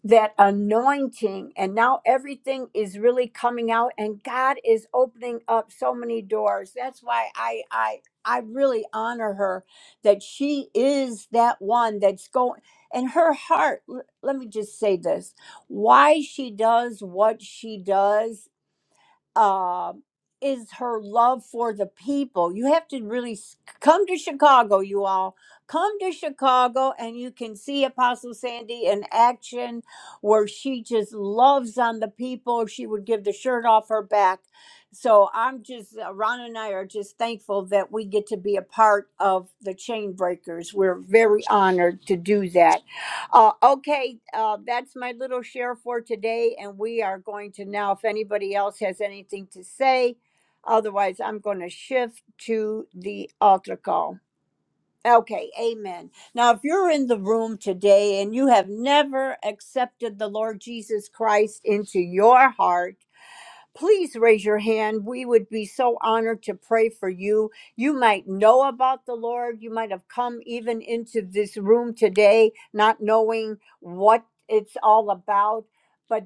Speaker 3: that anointing and now everything is really coming out and God is opening up so many doors. That's why I I I really honor her that she is that one that's going and her heart l- let me just say this why she does what she does um is her love for the people. You have to really s- come to Chicago, you all. Come to Chicago and you can see Apostle Sandy in action where she just loves on the people. She would give the shirt off her back. So I'm just, uh, Ron and I are just thankful that we get to be a part of the chain breakers. We're very honored to do that. Uh, okay, uh, that's my little share for today, and we are going to now, if anybody else has anything to say, otherwise, I'm going to shift to the altar call. Okay, amen. Now, if you're in the room today and you have never accepted the Lord Jesus Christ into your heart, please raise your hand. We would be so honored to pray for you. You might know about the Lord. You might have come even into this room today not knowing what it's all about. but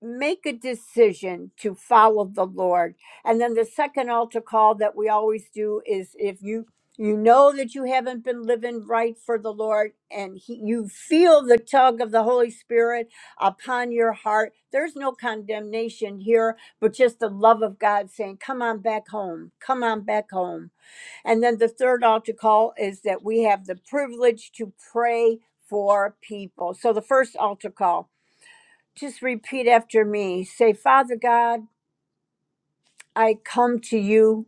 Speaker 3: make a decision to follow the lord and then the second altar call that we always do is if you you know that you haven't been living right for the lord and he, you feel the tug of the holy spirit upon your heart there's no condemnation here but just the love of god saying come on back home come on back home and then the third altar call is that we have the privilege to pray for people so the first altar call just repeat after me. Say, Father God, I come to you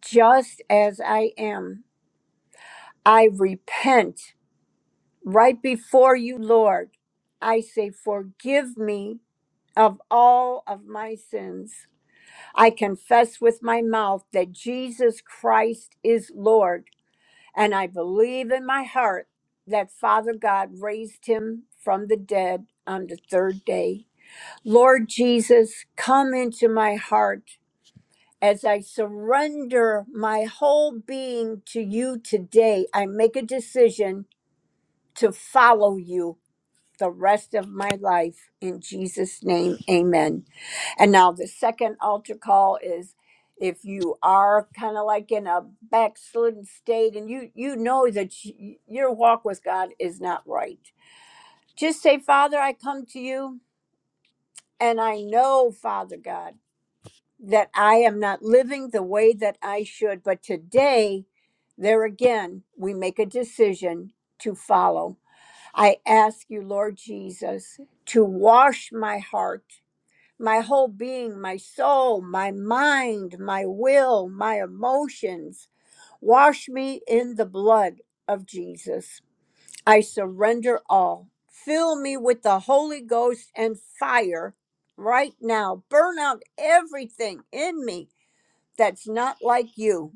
Speaker 3: just as I am. I repent right before you, Lord. I say, Forgive me of all of my sins. I confess with my mouth that Jesus Christ is Lord, and I believe in my heart that Father God raised him from the dead on the third day. Lord Jesus, come into my heart As I surrender my whole being to you today, I make a decision to follow you the rest of my life. In Jesus' name, amen. And now the second altar call is if you are kind of like in a backslidden state and you you know that y- your walk with God is not right just say father i come to you and i know father god that I am not living the way that I should. But today, there again, we make a decision to follow. I ask you, Lord Jesus, to wash my heart, my whole being, my soul, my mind, my will, my emotions. Wash me in the blood of Jesus. I surrender all. Fill me with the Holy Ghost and fire right now. Burn out everything in me that's not like you.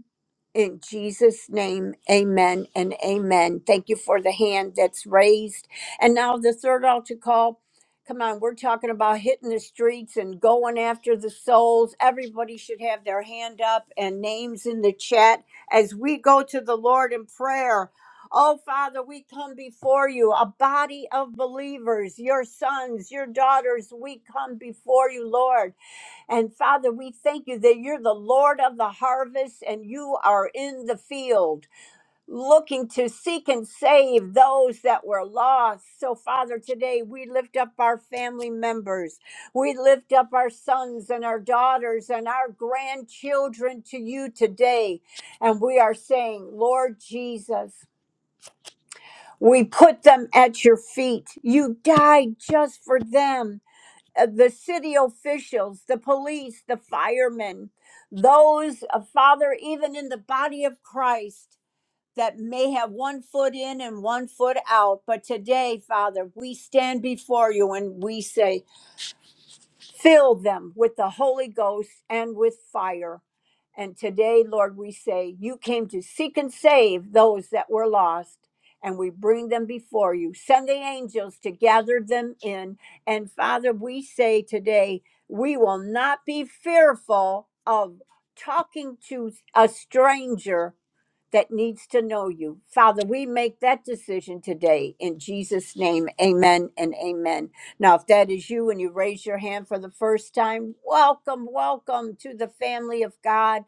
Speaker 3: In Jesus' name, amen and amen. Thank you for the hand that's raised. And now the third altar call. Come on, we're talking about hitting the streets and going after the souls. Everybody should have their hand up and names in the chat as we go to the Lord in prayer. Oh, Father, we come before you, a body of believers, your sons, your daughters. We come before you, Lord. And Father, we thank you that you're the Lord of the harvest and you are in the field looking to seek and save those that were lost. So, Father, today we lift up our family members. We lift up our sons and our daughters and our grandchildren to you today. And we are saying, Lord Jesus, we put them at your feet. You died just for them uh, the city officials, the police, the firemen, those, uh, Father, even in the body of Christ that may have one foot in and one foot out. But today, Father, we stand before you and we say, Fill them with the Holy Ghost and with fire. And today, Lord, we say, You came to seek and save those that were lost, and we bring them before you. Send the angels to gather them in. And Father, we say today, we will not be fearful of talking to a stranger that needs to know you. Father, we make that decision today in Jesus' name. Amen and amen. Now, if that is you and you raise your hand for the first time, welcome, welcome to the family of God.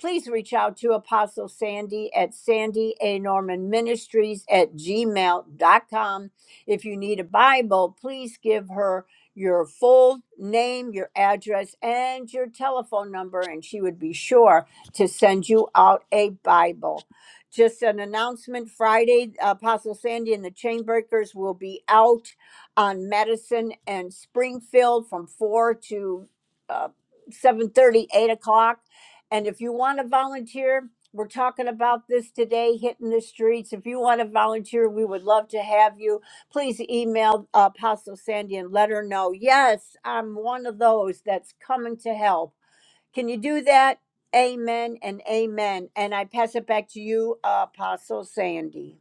Speaker 3: Please reach out to Apostle Sandy at Sandy A. Norman Ministries at gmail.com. If you need a Bible, please give her your full name, your address, and your telephone number, and she would be sure to send you out a Bible. Just an announcement Friday, Apostle Sandy and the Chainbreakers will be out on Madison and Springfield from 4 to uh, seven thirty, eight o'clock. And if you want to volunteer, we're talking about this today, hitting the streets. If you want to volunteer, we would love to have you. Please email Apostle Sandy and let her know, yes, I'm one of those that's coming to help. Can you do that? Amen and amen. And I pass it back to you, uh, Apostle Sandy.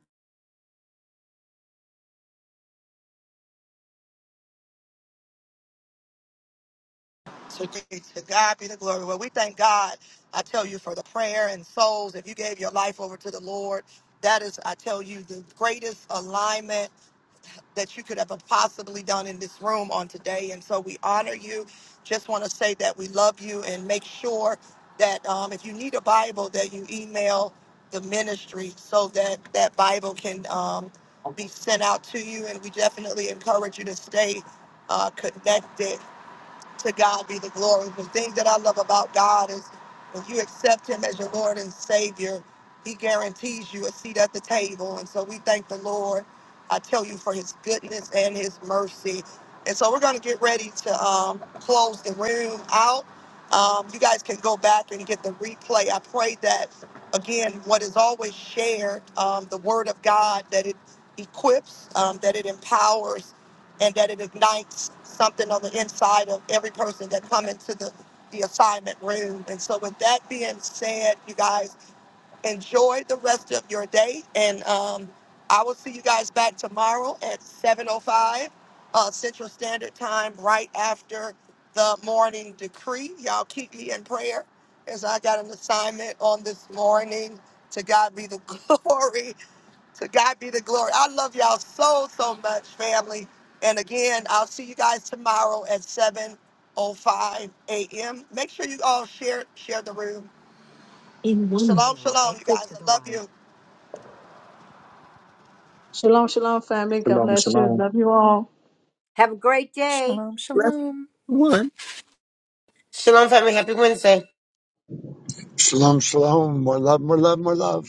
Speaker 16: in
Speaker 15: Shalom, shalom, family. God
Speaker 9: Shalom,
Speaker 15: bless you.
Speaker 9: shalom.
Speaker 15: Love you all.
Speaker 3: Have a great day.
Speaker 14: Shalom,
Speaker 7: Bless
Speaker 14: shalom.
Speaker 7: one.
Speaker 11: Shalom, family. Happy Wednesday.
Speaker 1: Shalom, shalom. More love, more love, more love.